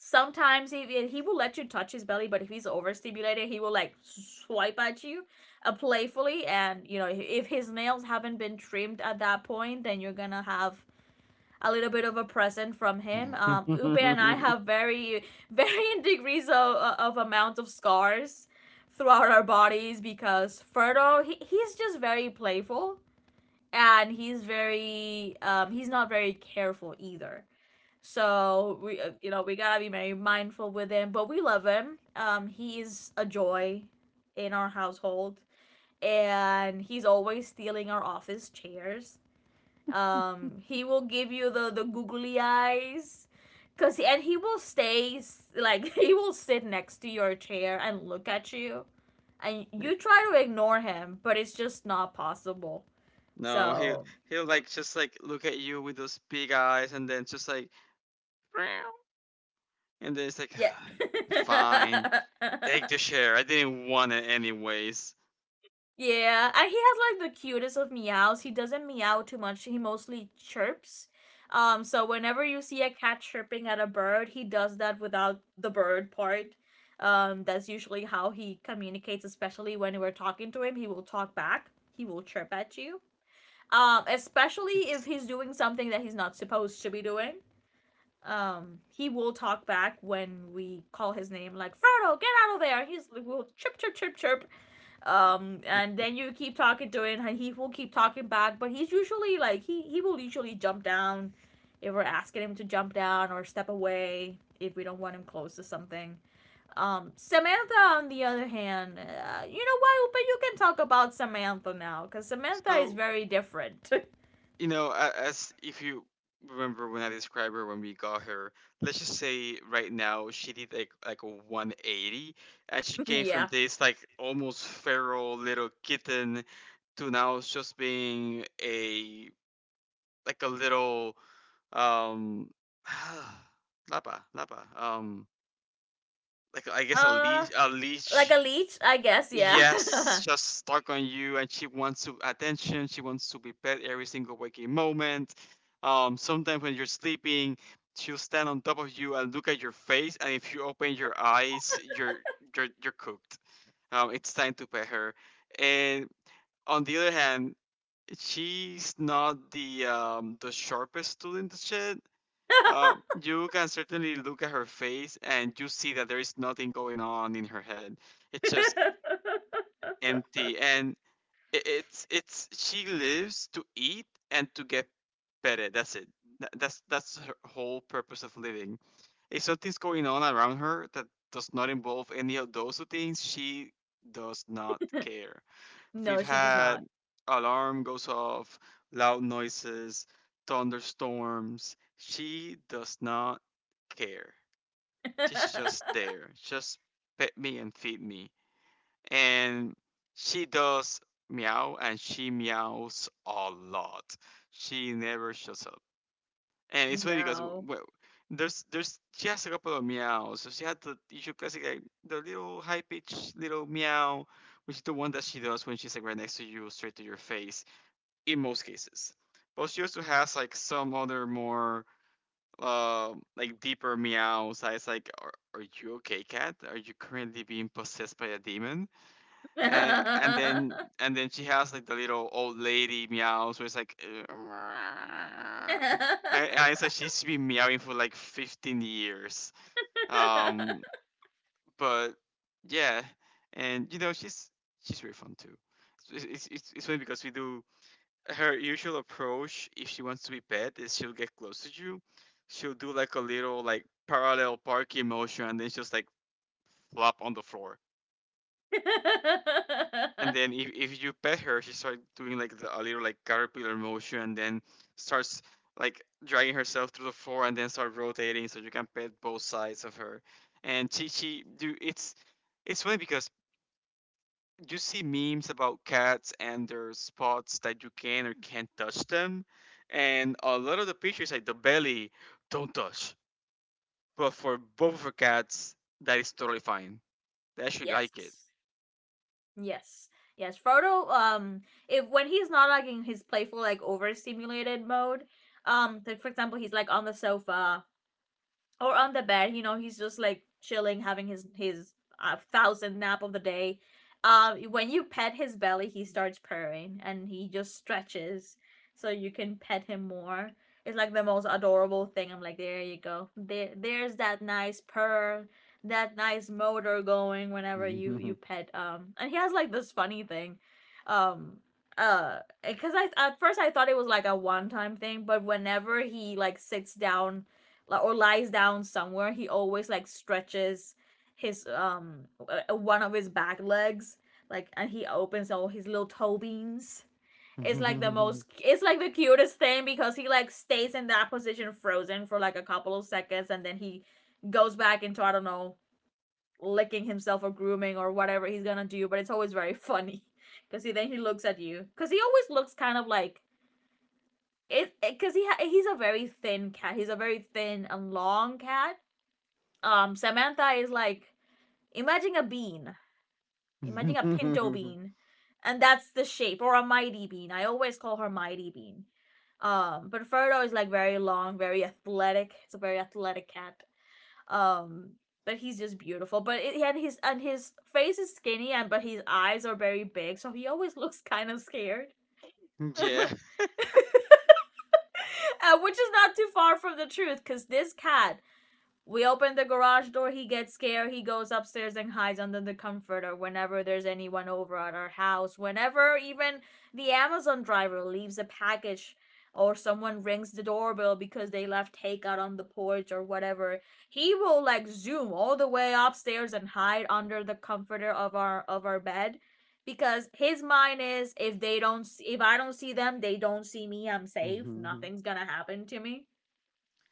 A: sometimes he will let you touch his belly, but if he's overstimulated, he will like swipe at you playfully. And you know, if his nails haven't been trimmed at that point, then you're gonna have a little bit of a present from him. Upe and I have very varying degrees of, amount of scars throughout our bodies, because Ferdo, he's just very playful, and he's very he's not very careful either. So we, you know, we gotta be very mindful with him, but we love him. He is a joy in our household, and he's always stealing our office chairs. He will give you the googly eyes, and he will stay like he will sit next to your chair and look at you, and
B: Like,
A: you try to ignore him, but it's just not possible.
B: no, he
A: So
B: he'll like just look at you with those big eyes and then just like "Meow," and then it's like
A: yeah.
B: "Ah, fine, take the share. I didn't want it anyways."
A: Yeah, and he has like the cutest of meows. He doesn't meow too much. He mostly chirps. So whenever you see a cat chirping at a bird, he does that without the bird part. That's usually how he communicates, especially when we're talking to him. He will talk back. He will chirp at you. Especially if
B: It's
A: he's doing something that he's not supposed to be doing. He will talk back when we call his name, like Frodo, get out of there. He's will chirp, chirp, chirp, chirp and then you keep talking to it, and he will keep talking back. But he's usually like he will usually jump down if we're asking him to jump down or step away if we don't want him close to something. Samantha on the other hand, you know what but you can talk about Samantha now because Samantha is
B: so
A: very different.
B: You know, as if you remember when I described her when we got her, let's just say right now she did like a 180, and she came from
A: Yeah.
B: this like almost feral little kitten to now just being a like a little um lapa lapa like I guess
A: uh
B: a
A: like
B: leash.
A: a leech, I guess, yeah.
B: Yes, just stuck on you, and she wants to attention. She wants to be pet every single waking moment. Sometimes when you're sleeping, she'll stand on top of you and look at your face, and if you open your eyes, you're cooked. It's time to pet her. And on the other hand, she's not the the sharpest student to shit. You can certainly look at her face and you see that there is nothing going on in her head. It's just empty, and it's she lives to eat and to get better. That's it. That's her whole purpose of living. If something's going on around her that does not involve any of those two things, she does not care. If we've
A: No, she does
B: had
A: not.
B: alarm goes off, loud noises, thunderstorms, she does not care. She's just there. Just pet me and feed me. And she does meow, and she meows a lot. She never shuts up, and it's funny because,
A: No.
B: well, there's she has a couple of meows. So she had the usual classic like the little high pitched little meow, which is the one that she does when she's like right next to you, straight to your face in most cases. But she also has like some other more like deeper meows. That is like, are you okay, cat? Are you currently being possessed by a demon? And and then and then she has like the little old lady meows where it's like "Meow." I it's like she's been meowing for like 15 years, um but yeah. And you know she's really fun too. So, it's funny because we do her usual approach if she wants to be pet is she'll get close to you, she'll do like a little like parallel parking motion, and then she'll just like flop on the floor. And then if you pet her, she starts doing like a little like caterpillar motion, and then starts like dragging herself through the floor, and then start rotating so you can pet both sides of her. And she do it's funny because you see memes about cats and their spots that you can or can't touch them, and a lot of the pictures like the belly, don't touch. But for both of her cats, that is totally fine. They actually like it.
A: Yes. Yes. Yes. Frodo, if when he's not like in his playful, like overstimulated mode, like for example, he's like on the sofa or on the bed, you know, he's just like chilling, having his thousand nap of the day. When you pet his belly, he starts purring and he just stretches so you can pet him more. It's like the most adorable thing. I'm like, there you go, there's that nice purr, that nice motor going whenever you pet. And he has like this funny thing. um uh because I at first I thought it was like a one time thing, but whenever he like sits down, or lies down somewhere, he always like stretches his one of his back legs, like, and he opens all his little toe beans. It's like the most it's like the cutest thing because he like stays in that position frozen for like a couple of seconds, and then he goes back into, I don't know, licking himself or grooming or whatever he's gonna do. But it's always very funny because he then he looks at you, because he always looks kind of like it, because he's a very thin cat. He's a very thin and long cat. Samantha is like, imagine a bean, imagine a pinto bean, and that's the shape. Or a mighty bean. I always call her mighty bean. But Frodo is like very long, very athletic. It's a very athletic cat. Um, but he's just beautiful. But it, and his face is skinny, and but his eyes are very big, so he always looks kind of scared,
B: Yeah.
A: uh, which is not too far from the truth. Because this cat, we open the garage door, he gets scared. He goes upstairs and hides under the comforter whenever there's anyone over at our house. Whenever even the Amazon driver leaves a package or someone rings the doorbell because they left takeout on the porch or whatever, he will like zoom all the way upstairs and hide under the comforter of our bed, because his mind is, if they don't, if I don't see them, they don't see me. I'm safe.
B: Mhm.
A: Nothing's going to happen to me.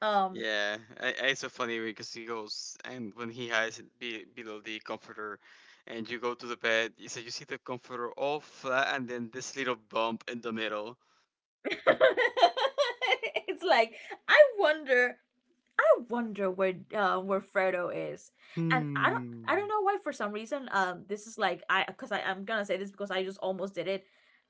A: Um,
B: Yeah, it's so funny because he goes and when he hides below the comforter, and you go to the bed, you see the comforter all flat and then this little bump in the middle.
A: it's like, I wonder, I wonder where, where Fredo is. And I
B: Hmm.
A: don't know why, for some reason. This is like I, because I'm gonna say this because I just almost did it.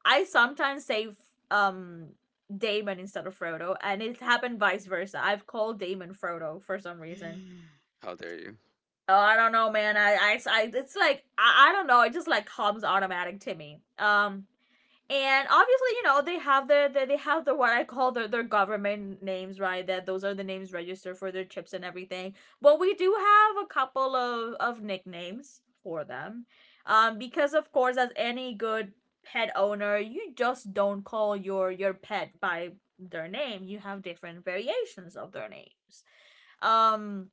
A: I sometimes say um Damon instead of Frodo, and it's happened vice versa. I've called Damon Frodo for some reason.
B: How dare you?
A: Oh, I don't know, man. I, it's like I don't know. It just like comes automatic to me. And obviously, you know, they have they have the what I call their government names, right? that those are the names registered for their chips and everything. But we do have a couple of nicknames for them. Um, because of course, as any good pet owner, you just don't call your pet by their name. You have different variations of their names. Um,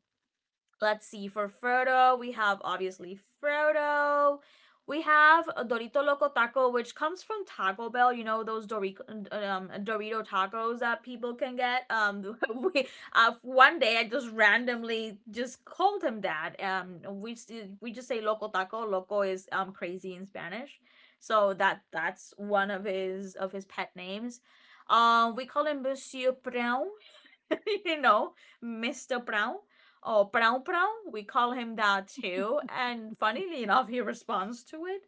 A: let's see. For Frodo, we have obviously Frodo. We have a Dorito Loco Taco, which comes from Taco Bell. You know, those Dorico, Dorito tacos that people can get. We, one day I just randomly just called him that. We just say Loco Taco. Loco is crazy in Spanish, so that, that's one of his, of his pet names. We call him Monsieur Brown, you know, Mr. Brown or Brown Brown. We call him that too. And funnily enough, he responds to it.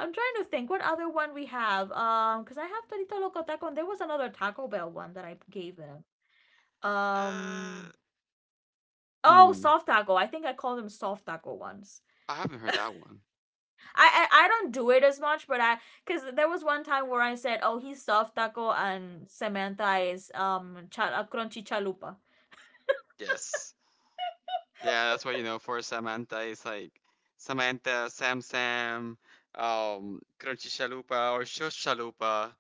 A: I'm trying to think what other one we have. Because I have Torito Loco Taco, and there was another Taco Bell one that I gave him. Um,
B: Uh,
A: oh,
B: mm,
A: soft taco. I think I called him soft taco once.
B: I haven't heard that one.
A: I don't do it as much, but I, because there was one time where I said, oh, he's soft taco, and Samantha is crunchy chalupa,
B: Yes. Yeah, that's why you know for Samantha it's like Samantha, Sam Sam, Crunchy Chalupa or Shush Chalupa,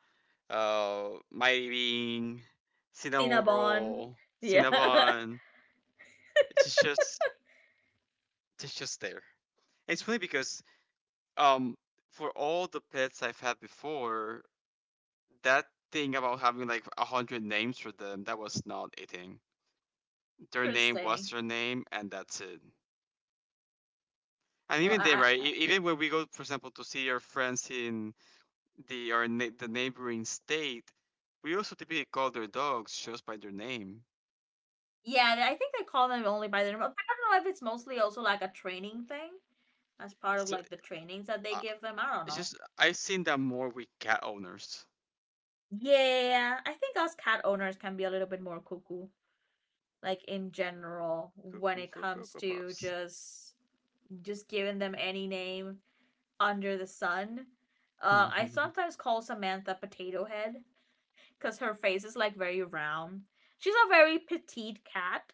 B: miring, cinnamon
A: cinnabon.
B: roll,
A: Yeah,
B: cinnamon. It's just it's just there. It's funny because um for all the pets I've had before, that thing about having like a hundred names for them, that was not a thing. Their name was
A: interesting.
B: their name, and that's it. And
A: Well, I,
B: even then,
A: I
B: right?
A: I-
B: Even when we go, for example, to see our friends in the neighboring state, we also typically call their dogs just by their name.
A: yeah, I think they call them only by their name. I don't know if it's mostly also like a training thing, as part of
B: So
A: like the trainings that they give them. I don't
B: it's
A: know.
B: just I've seen that more with cat owners.
A: Yeah, I think us cat owners can be a little bit more cuckoo, like in general, when
B: Cuckoo
A: it
B: for
A: comes
B: Cocoa
A: to
B: Puffs.
A: just giving them any name under the sun. I sometimes call Samantha Potato Head because her face is like very round. She's a very petite cat.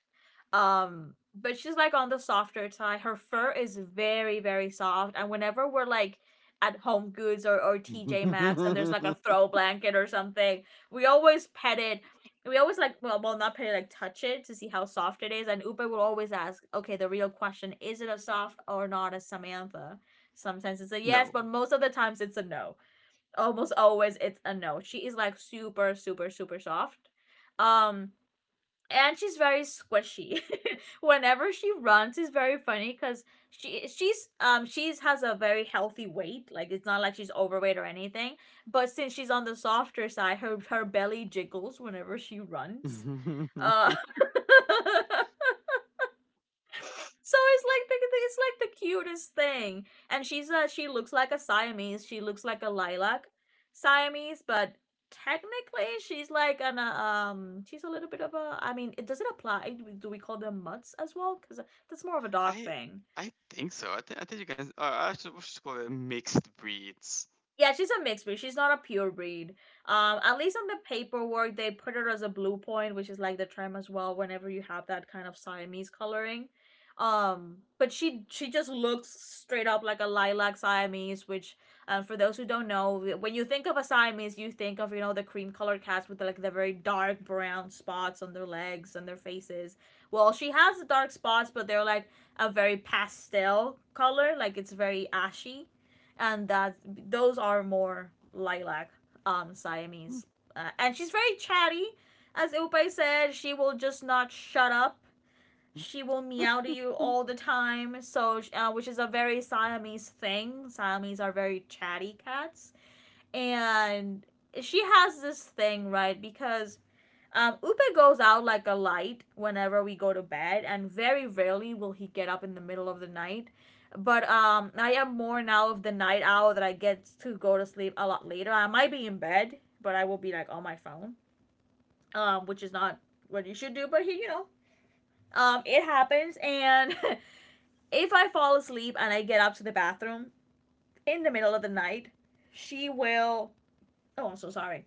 A: But she's like on the softer side. Her fur is very, very soft. And whenever we're like at Home Goods or TJ Maxx and there's like a throw blanket or something, we always pet it. We always like, well, well, not pet it, like touch it to see how soft it is. And Upe will always ask, okay, the real question, is it a soft or not a Samantha? Sometimes it's a yes,
B: No.
A: but most of the times it's a no. Almost always it's a no. She is like super, super, super soft. Um, and she's very squishy. Whenever she runs, it's very funny because she she's has a very healthy weight. Like, it's not like she's overweight or anything. But since she's on the softer side, her belly jiggles whenever she runs. Uh, so it's like the cutest thing. And she looks like a Siamese. She looks like a lilac Siamese. But technically, she's like an she's a little bit of a, I mean, it doesn't apply, do we call them mutts as well? Because that's more of a dog
B: I
A: thing.
B: I think so. I think you can. We should call it mixed breeds.
A: Yeah, she's a mixed breed. She's not a pure breed. At least on the paperwork, they put her as a blue point, which is like the trim as well, whenever you have that kind of Siamese coloring. Um, but she just looks straight up like a lilac Siamese. Which, for those who don't know, when you think of a Siamese, you think of, you know, the cream colored cats with like the very dark brown spots on their legs and their faces. Well, she has the dark spots, but they're like a very pastel color, like it's very ashy, and that, those are more lilac Siamese. And she's very chatty, as Upay said. She will just not shut up. She will meow to you all the time. So, which is a very Siamese thing. Siamese are very chatty cats. And she has this thing, right? Because Upe goes out like a light whenever we go to bed, and very rarely will he get up in the middle of the night. But I am more now of the night owl, that I get to go to sleep a lot later. I might be in bed, but I will be like on my phone, which is not what you should do. But he, you know, it happens. And if I fall asleep and I get up to the bathroom in the middle of the night, she will. Oh, I'm so sorry.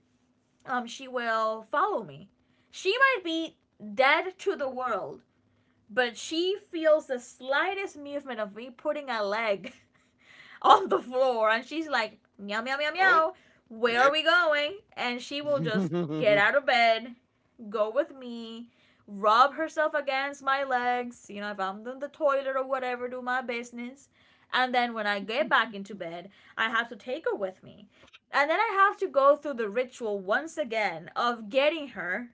A: She will follow me. She might be dead to the world, but she feels the slightest movement of me putting a leg on the floor, and she's like, meow meow meow
B: Oh,
A: meow, where are
B: yep.
A: we going? And she will just get out of bed, go with me, rub herself against my legs, you know, if I'm in the toilet or whatever, do my business. And then when I get back into bed, I have to take her with me, and then I have to go through the ritual once again of getting her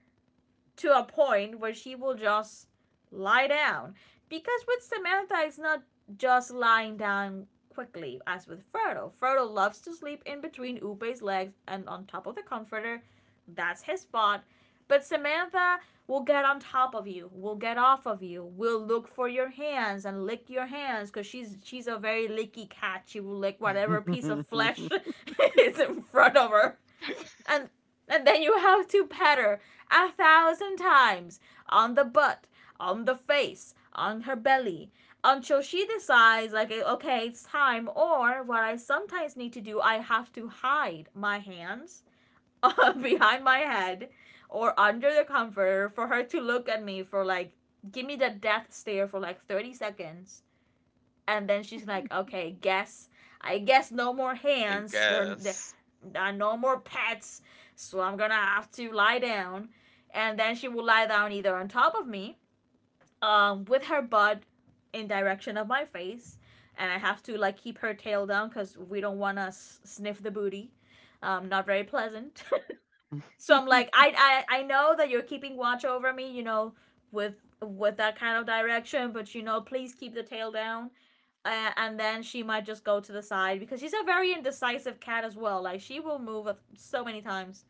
A: to a point where she will just lie down. Because with Samantha, it's not just lying down quickly as with Frodo. Frodo loves to sleep in between Upe's legs and on top of the comforter. That's his spot. But Samantha will get on top of you, will get off of you, will look for your hands and lick your hands, because she's a very licky cat. She will lick whatever piece of flesh is in front of her. and and then you have to pat her a thousand times on the butt, on the face, on her belly, until she decides like, okay, it's time. Or what I sometimes need to do, I have to hide my hands behind my head or under the comforter, for her to look at me for like, give me the death stare for like 30 seconds, and then she's like, "Okay, guess I guess no more
B: I
A: hands. There
B: guess.
A: are no more pets, so I'm gonna have to lie down." And then she will lie down either on top of me, with her butt in direction of my face, and I have to like keep her tail down because we don't wanna sniff the booty. Not very pleasant. So I'm like, I know that you're keeping watch over me, you know, with with that kind of direction, but you know, please keep the tail down. And then she might just go to the side because she's a very indecisive cat as well. Like she will move so many times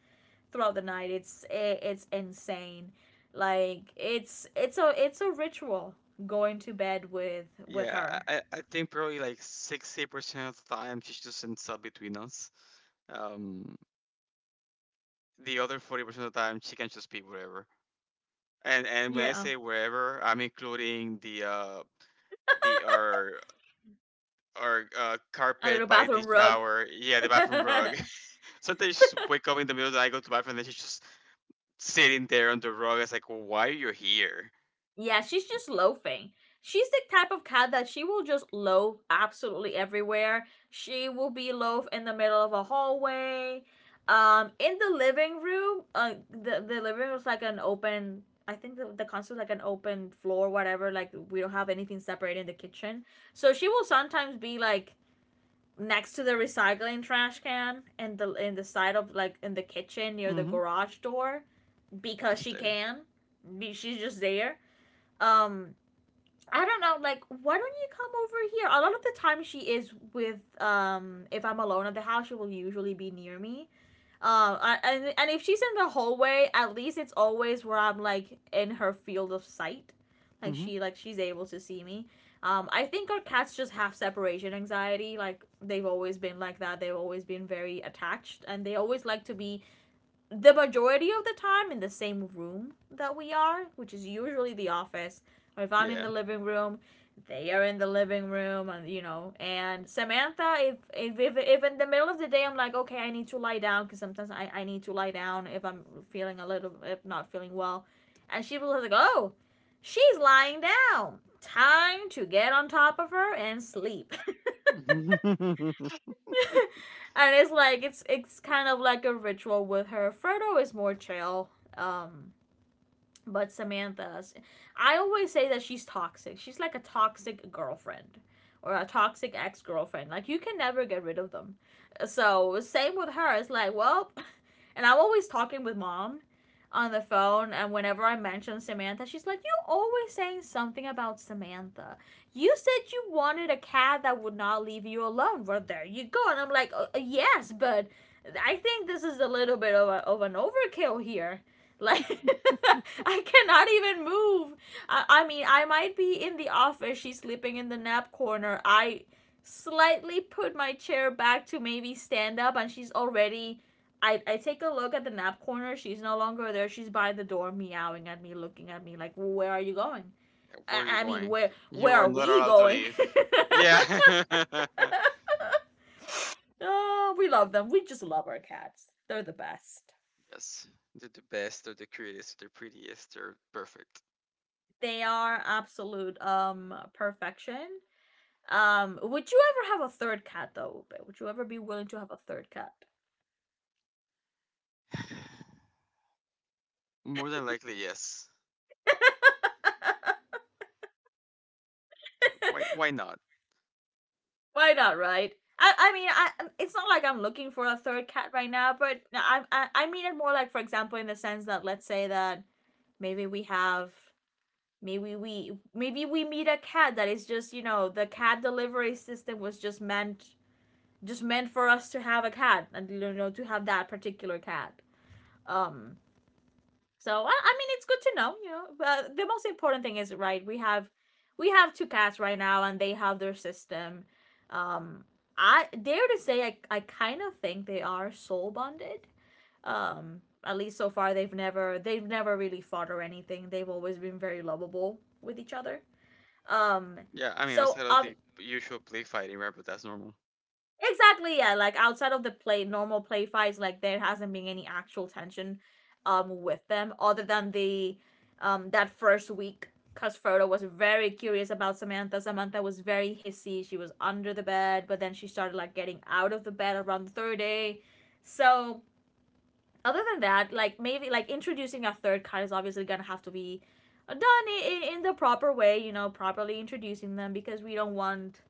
A: throughout the night. It's insane. Like it's a ritual going to bed with
B: Yeah,
A: her.
B: I think probably like 60% of the time she's just in sub between us. Um, the other 40% of the time she can just be whatever. And when I
A: Yeah,
B: say wherever, I'm including the our
A: a little
B: carpet by the
A: bathroom rug.
B: shower. Yeah, the bathroom rug. Sometimes you just wake up in the middle of the night, go to the bathroom, and then she's just sitting there on the rug. It's like, well, why are you here?
A: Yeah, she's just loafing. She's the type of cat that she will just loaf absolutely everywhere. She will be loaf in the middle of a hallway. In the living room, the living room is like an open, I think the concept is like an open floor, whatever. Like, we don't have anything separating the kitchen. So she will sometimes be like next to the recycling trash can and the in the side of like in the kitchen near the
B: Mm-hmm.
A: garage door because
B: Just
A: she
B: there.
A: can. She's just there. Um, I don't know, like, why don't you come over here? A lot of the time she is with, if I'm alone at the house, she will usually be near me. And if she's in the hallway, at least it's always where I'm, like, in her field of sight. Like,
B: Mm-hmm.
A: she's able to see me. I think our cats just have separation anxiety. Like, they've always been like that. They've always been very attached, and they always like to be the majority of the time in the same room that we are, which is usually the office. Or if I'm in
B: Yeah.
A: the living room, they are in the living room, and you know. And Samantha, if in the middle of the day I'm like, okay, I need to lie down, because sometimes I need to lie down if I'm feeling a little, if not feeling well, and she will be like, oh, she's lying down. Time to get on top of her and sleep. And it's like it's kind of like a ritual with her. Fredo is more chill. Um, But Samantha's, I always say that she's toxic. She's like a toxic girlfriend or a toxic ex girlfriend. Like, you can never get rid of them. So, same with her. It's like, well, and I'm always talking with mom on the phone and whenever I mention Samantha, she's like, you always saying something about Samantha. You said you wanted a cat that would not leave you alone. Well there you go. And I'm like, yes, but I think this is a little bit of an overkill here. Like I cannot even move. I mean, I might be in the office. She's sleeping in the nap corner. I slightly put my chair back to maybe stand up, and she's already. I take a look at the nap corner. She's no longer there. She's by the door, meowing at me, looking at me like, "Where are you going?"
B: Where are you
A: I mean,
B: going?
A: where
B: You
A: where
B: are
A: are
B: not
A: we
B: allowed to
A: going?
B: leave. Yeah.
A: Oh, we love them. We just love our cats. They're the best.
B: Yes. They're the best. They're the cutest. They're prettiest. They're perfect.
A: They are absolute perfection. Would you ever have a third cat though, Upe? Would you ever be willing to have a third cat?
B: More than likely, yes. It's like, why not?
A: Why not, right? I mean, I it's not like I'm looking for a third cat right now, but I mean it more like, for example, in the sense that let's say that maybe we have maybe we meet a cat that is just you know the cat delivery system was just meant for us to have a cat and you know to have that particular cat. Um, So I mean, it's good to know, you know. But the most important thing is right. We have two cats right now, and they have their system. Um, I dare to say I kind of think they are soul bonded. At least so far they've never really fought or anything. They've always been very lovable with each other. Um,
B: Yeah, I mean,
A: so
B: outside of
A: ob-
B: the usual play fighting, right? But that's normal.
A: Exactly, yeah. Like outside of the play, normal play fights, like there hasn't been any actual tension with them other than the that first week cuz Frodo was very curious about Samantha. Samantha was very hissy. She was under the bed, but then she started like getting out of the bed around the third day. So, other than that, like maybe like introducing a third cat is obviously going to have to be done in the proper way, you know, properly introducing them because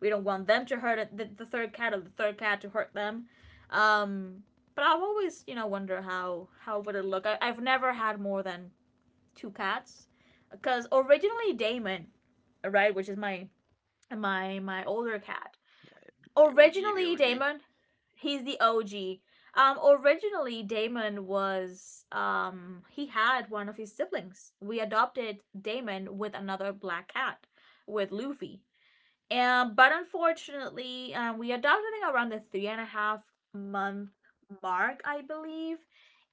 A: we don't want them to hurt the third cat or the third cat to hurt them. Um, but I've always, you know, wonder how would it look. I've never had more than two cats, because originally Damon, right, which is my older cat.
B: Yeah, the OG, the
A: Originally
B: OG.
A: Damon, he's the OG. Originally Damon was he had one of his siblings. We adopted Damon with another black cat, with Luffy. But unfortunately, we adopted it around the three and a half month mark, I believe.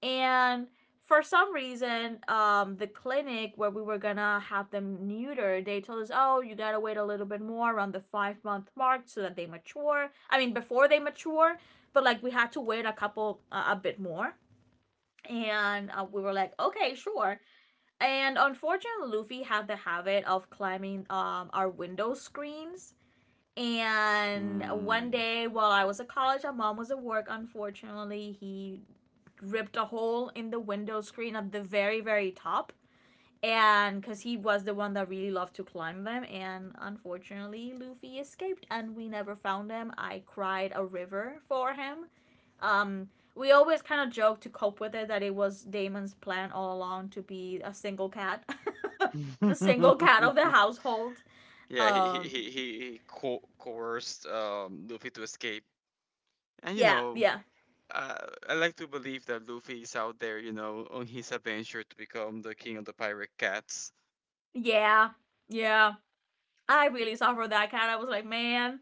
A: And for some reason, the clinic where we were gonna have them neutered, they told us, "Oh, you gotta wait a little bit more around the five-month mark so that they mature. I mean, before they mature, but like we had to wait a couple, a bit more." And we were like, "Okay, sure." And unfortunately, Luffy had the habit of climbing our window screens and one
B: Hmm.
A: day while I was at college, our mom was at work. Unfortunately, he ripped a hole in the window screen at the very, very top. And because he was the one that really loved to climb them. And unfortunately, Luffy escaped and we never found him. I cried a river for him. Um, we always kind of joked to cope with it that it was Damon's plan all along to be a single cat, the single cat of the household.
B: Yeah,
A: Um,
B: he coerced Luffy to escape, and you
A: yeah,
B: know,
A: yeah,
B: I like to believe that Luffy is out there, you know, on his adventure to become the king of the pirate cats.
A: yeah, yeah. I really suffered that cat. I was like, man,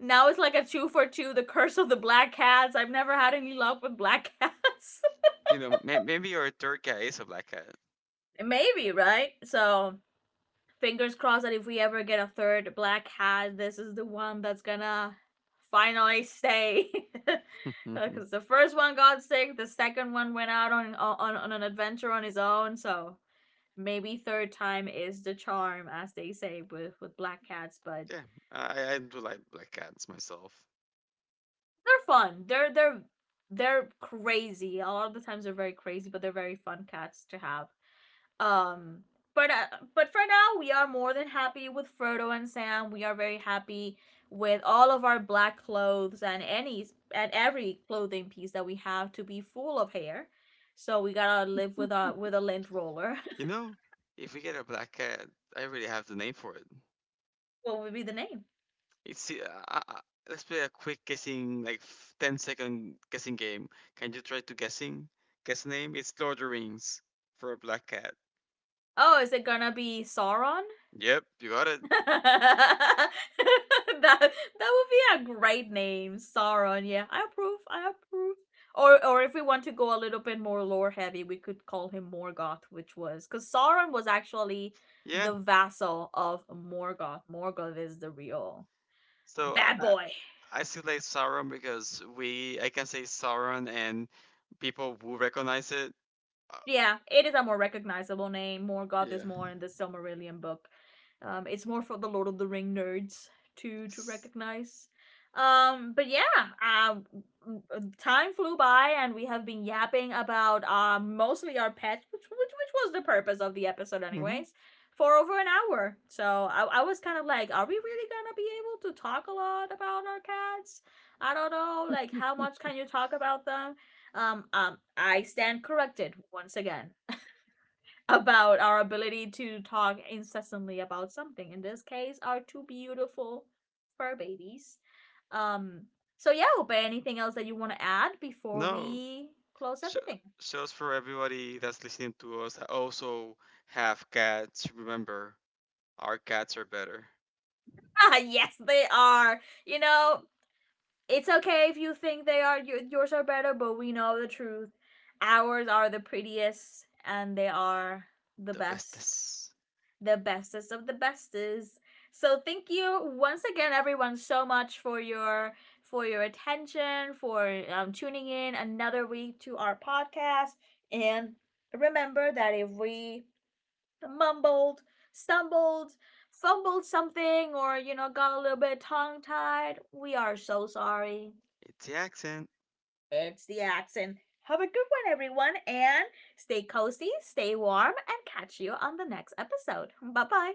A: now it's like a two for two, the curse of the black cats. I've never had any luck with black cats.
B: You know, maybe your third cat is a black cat.
A: Maybe, right? So fingers crossed that if we ever get a third black cat, this is the one that's gonna finally stay.
B: Yeah,
A: Because the first one got sick, the second one went out on, on an adventure on his own. So maybe third time is the charm, as they say with black cats. But
B: I do like black cats myself.
A: they're fun. They're crazy. A lot of the times they're very crazy, but they're very fun cats to have. Um, but uh, but for now, we are more than happy with Frodo and Sam. We are very happy with all of our black clothes and any and every clothing piece that we have to be full of hair. So we gotta live with a lint roller.
B: You know, if we get a black cat, I really have the name for it.
A: What would be the name?
B: It's let's play a quick guessing, like 10-second guessing game. Can you try to guess the name? It's Lord of the Rings for a black cat.
A: Oh, is it gonna be Sauron?
B: Yep, you got it.
A: that that would be a great name, Sauron. Yeah, I approve. I approve. Or if we want to go a little bit more lore heavy, we could call him Morgoth, which was because Sauron was actually
B: Yeah.
A: the vassal of Morgoth. Morgoth is the real
B: So I
A: bad
B: I
A: boy.
B: I still like Sauron because we I can say Sauron and people will recognize it. Uh,
A: Yeah, it is a more recognizable name. Morgoth is
B: yeah.
A: more in the Silmarillion book. It's more for the Lord of the Ring nerds to
B: Yes.
A: recognize. Um, but yeah, um, Time flew by and we have been yapping about mostly our pets, which was the purpose of the episode,
B: Hmm.
A: anyways, for over an hour. So I was kind of like, are we really gonna be able to talk a lot about our cats? I don't know, like how much can you talk about them? I stand corrected once again about our ability to talk incessantly about something. In this case, our two beautiful fur babies. Um, so yeah, Upe, anything else that you want to add before
B: No.
A: we close
B: So,
A: everything?
B: so for everybody that's listening to us, I also have cats. Remember, our cats are better.
A: Ah, yes, they are. You know, it's okay if you think they are yours are better, but we know the truth. Ours are the prettiest, and they are the
B: The
A: best.
B: bestest.
A: The bestest of the bestest. So thank you once again, everyone, so much for your attention, for tuning in another week to our podcast. And remember that if we mumbled, stumbled, fumbled something, or you know got a little bit tongue tied, we are so sorry.
B: It's the accent.
A: It's the accent. Have a good one, everyone, and stay cozy, stay warm, and catch you on the next episode. Bye bye.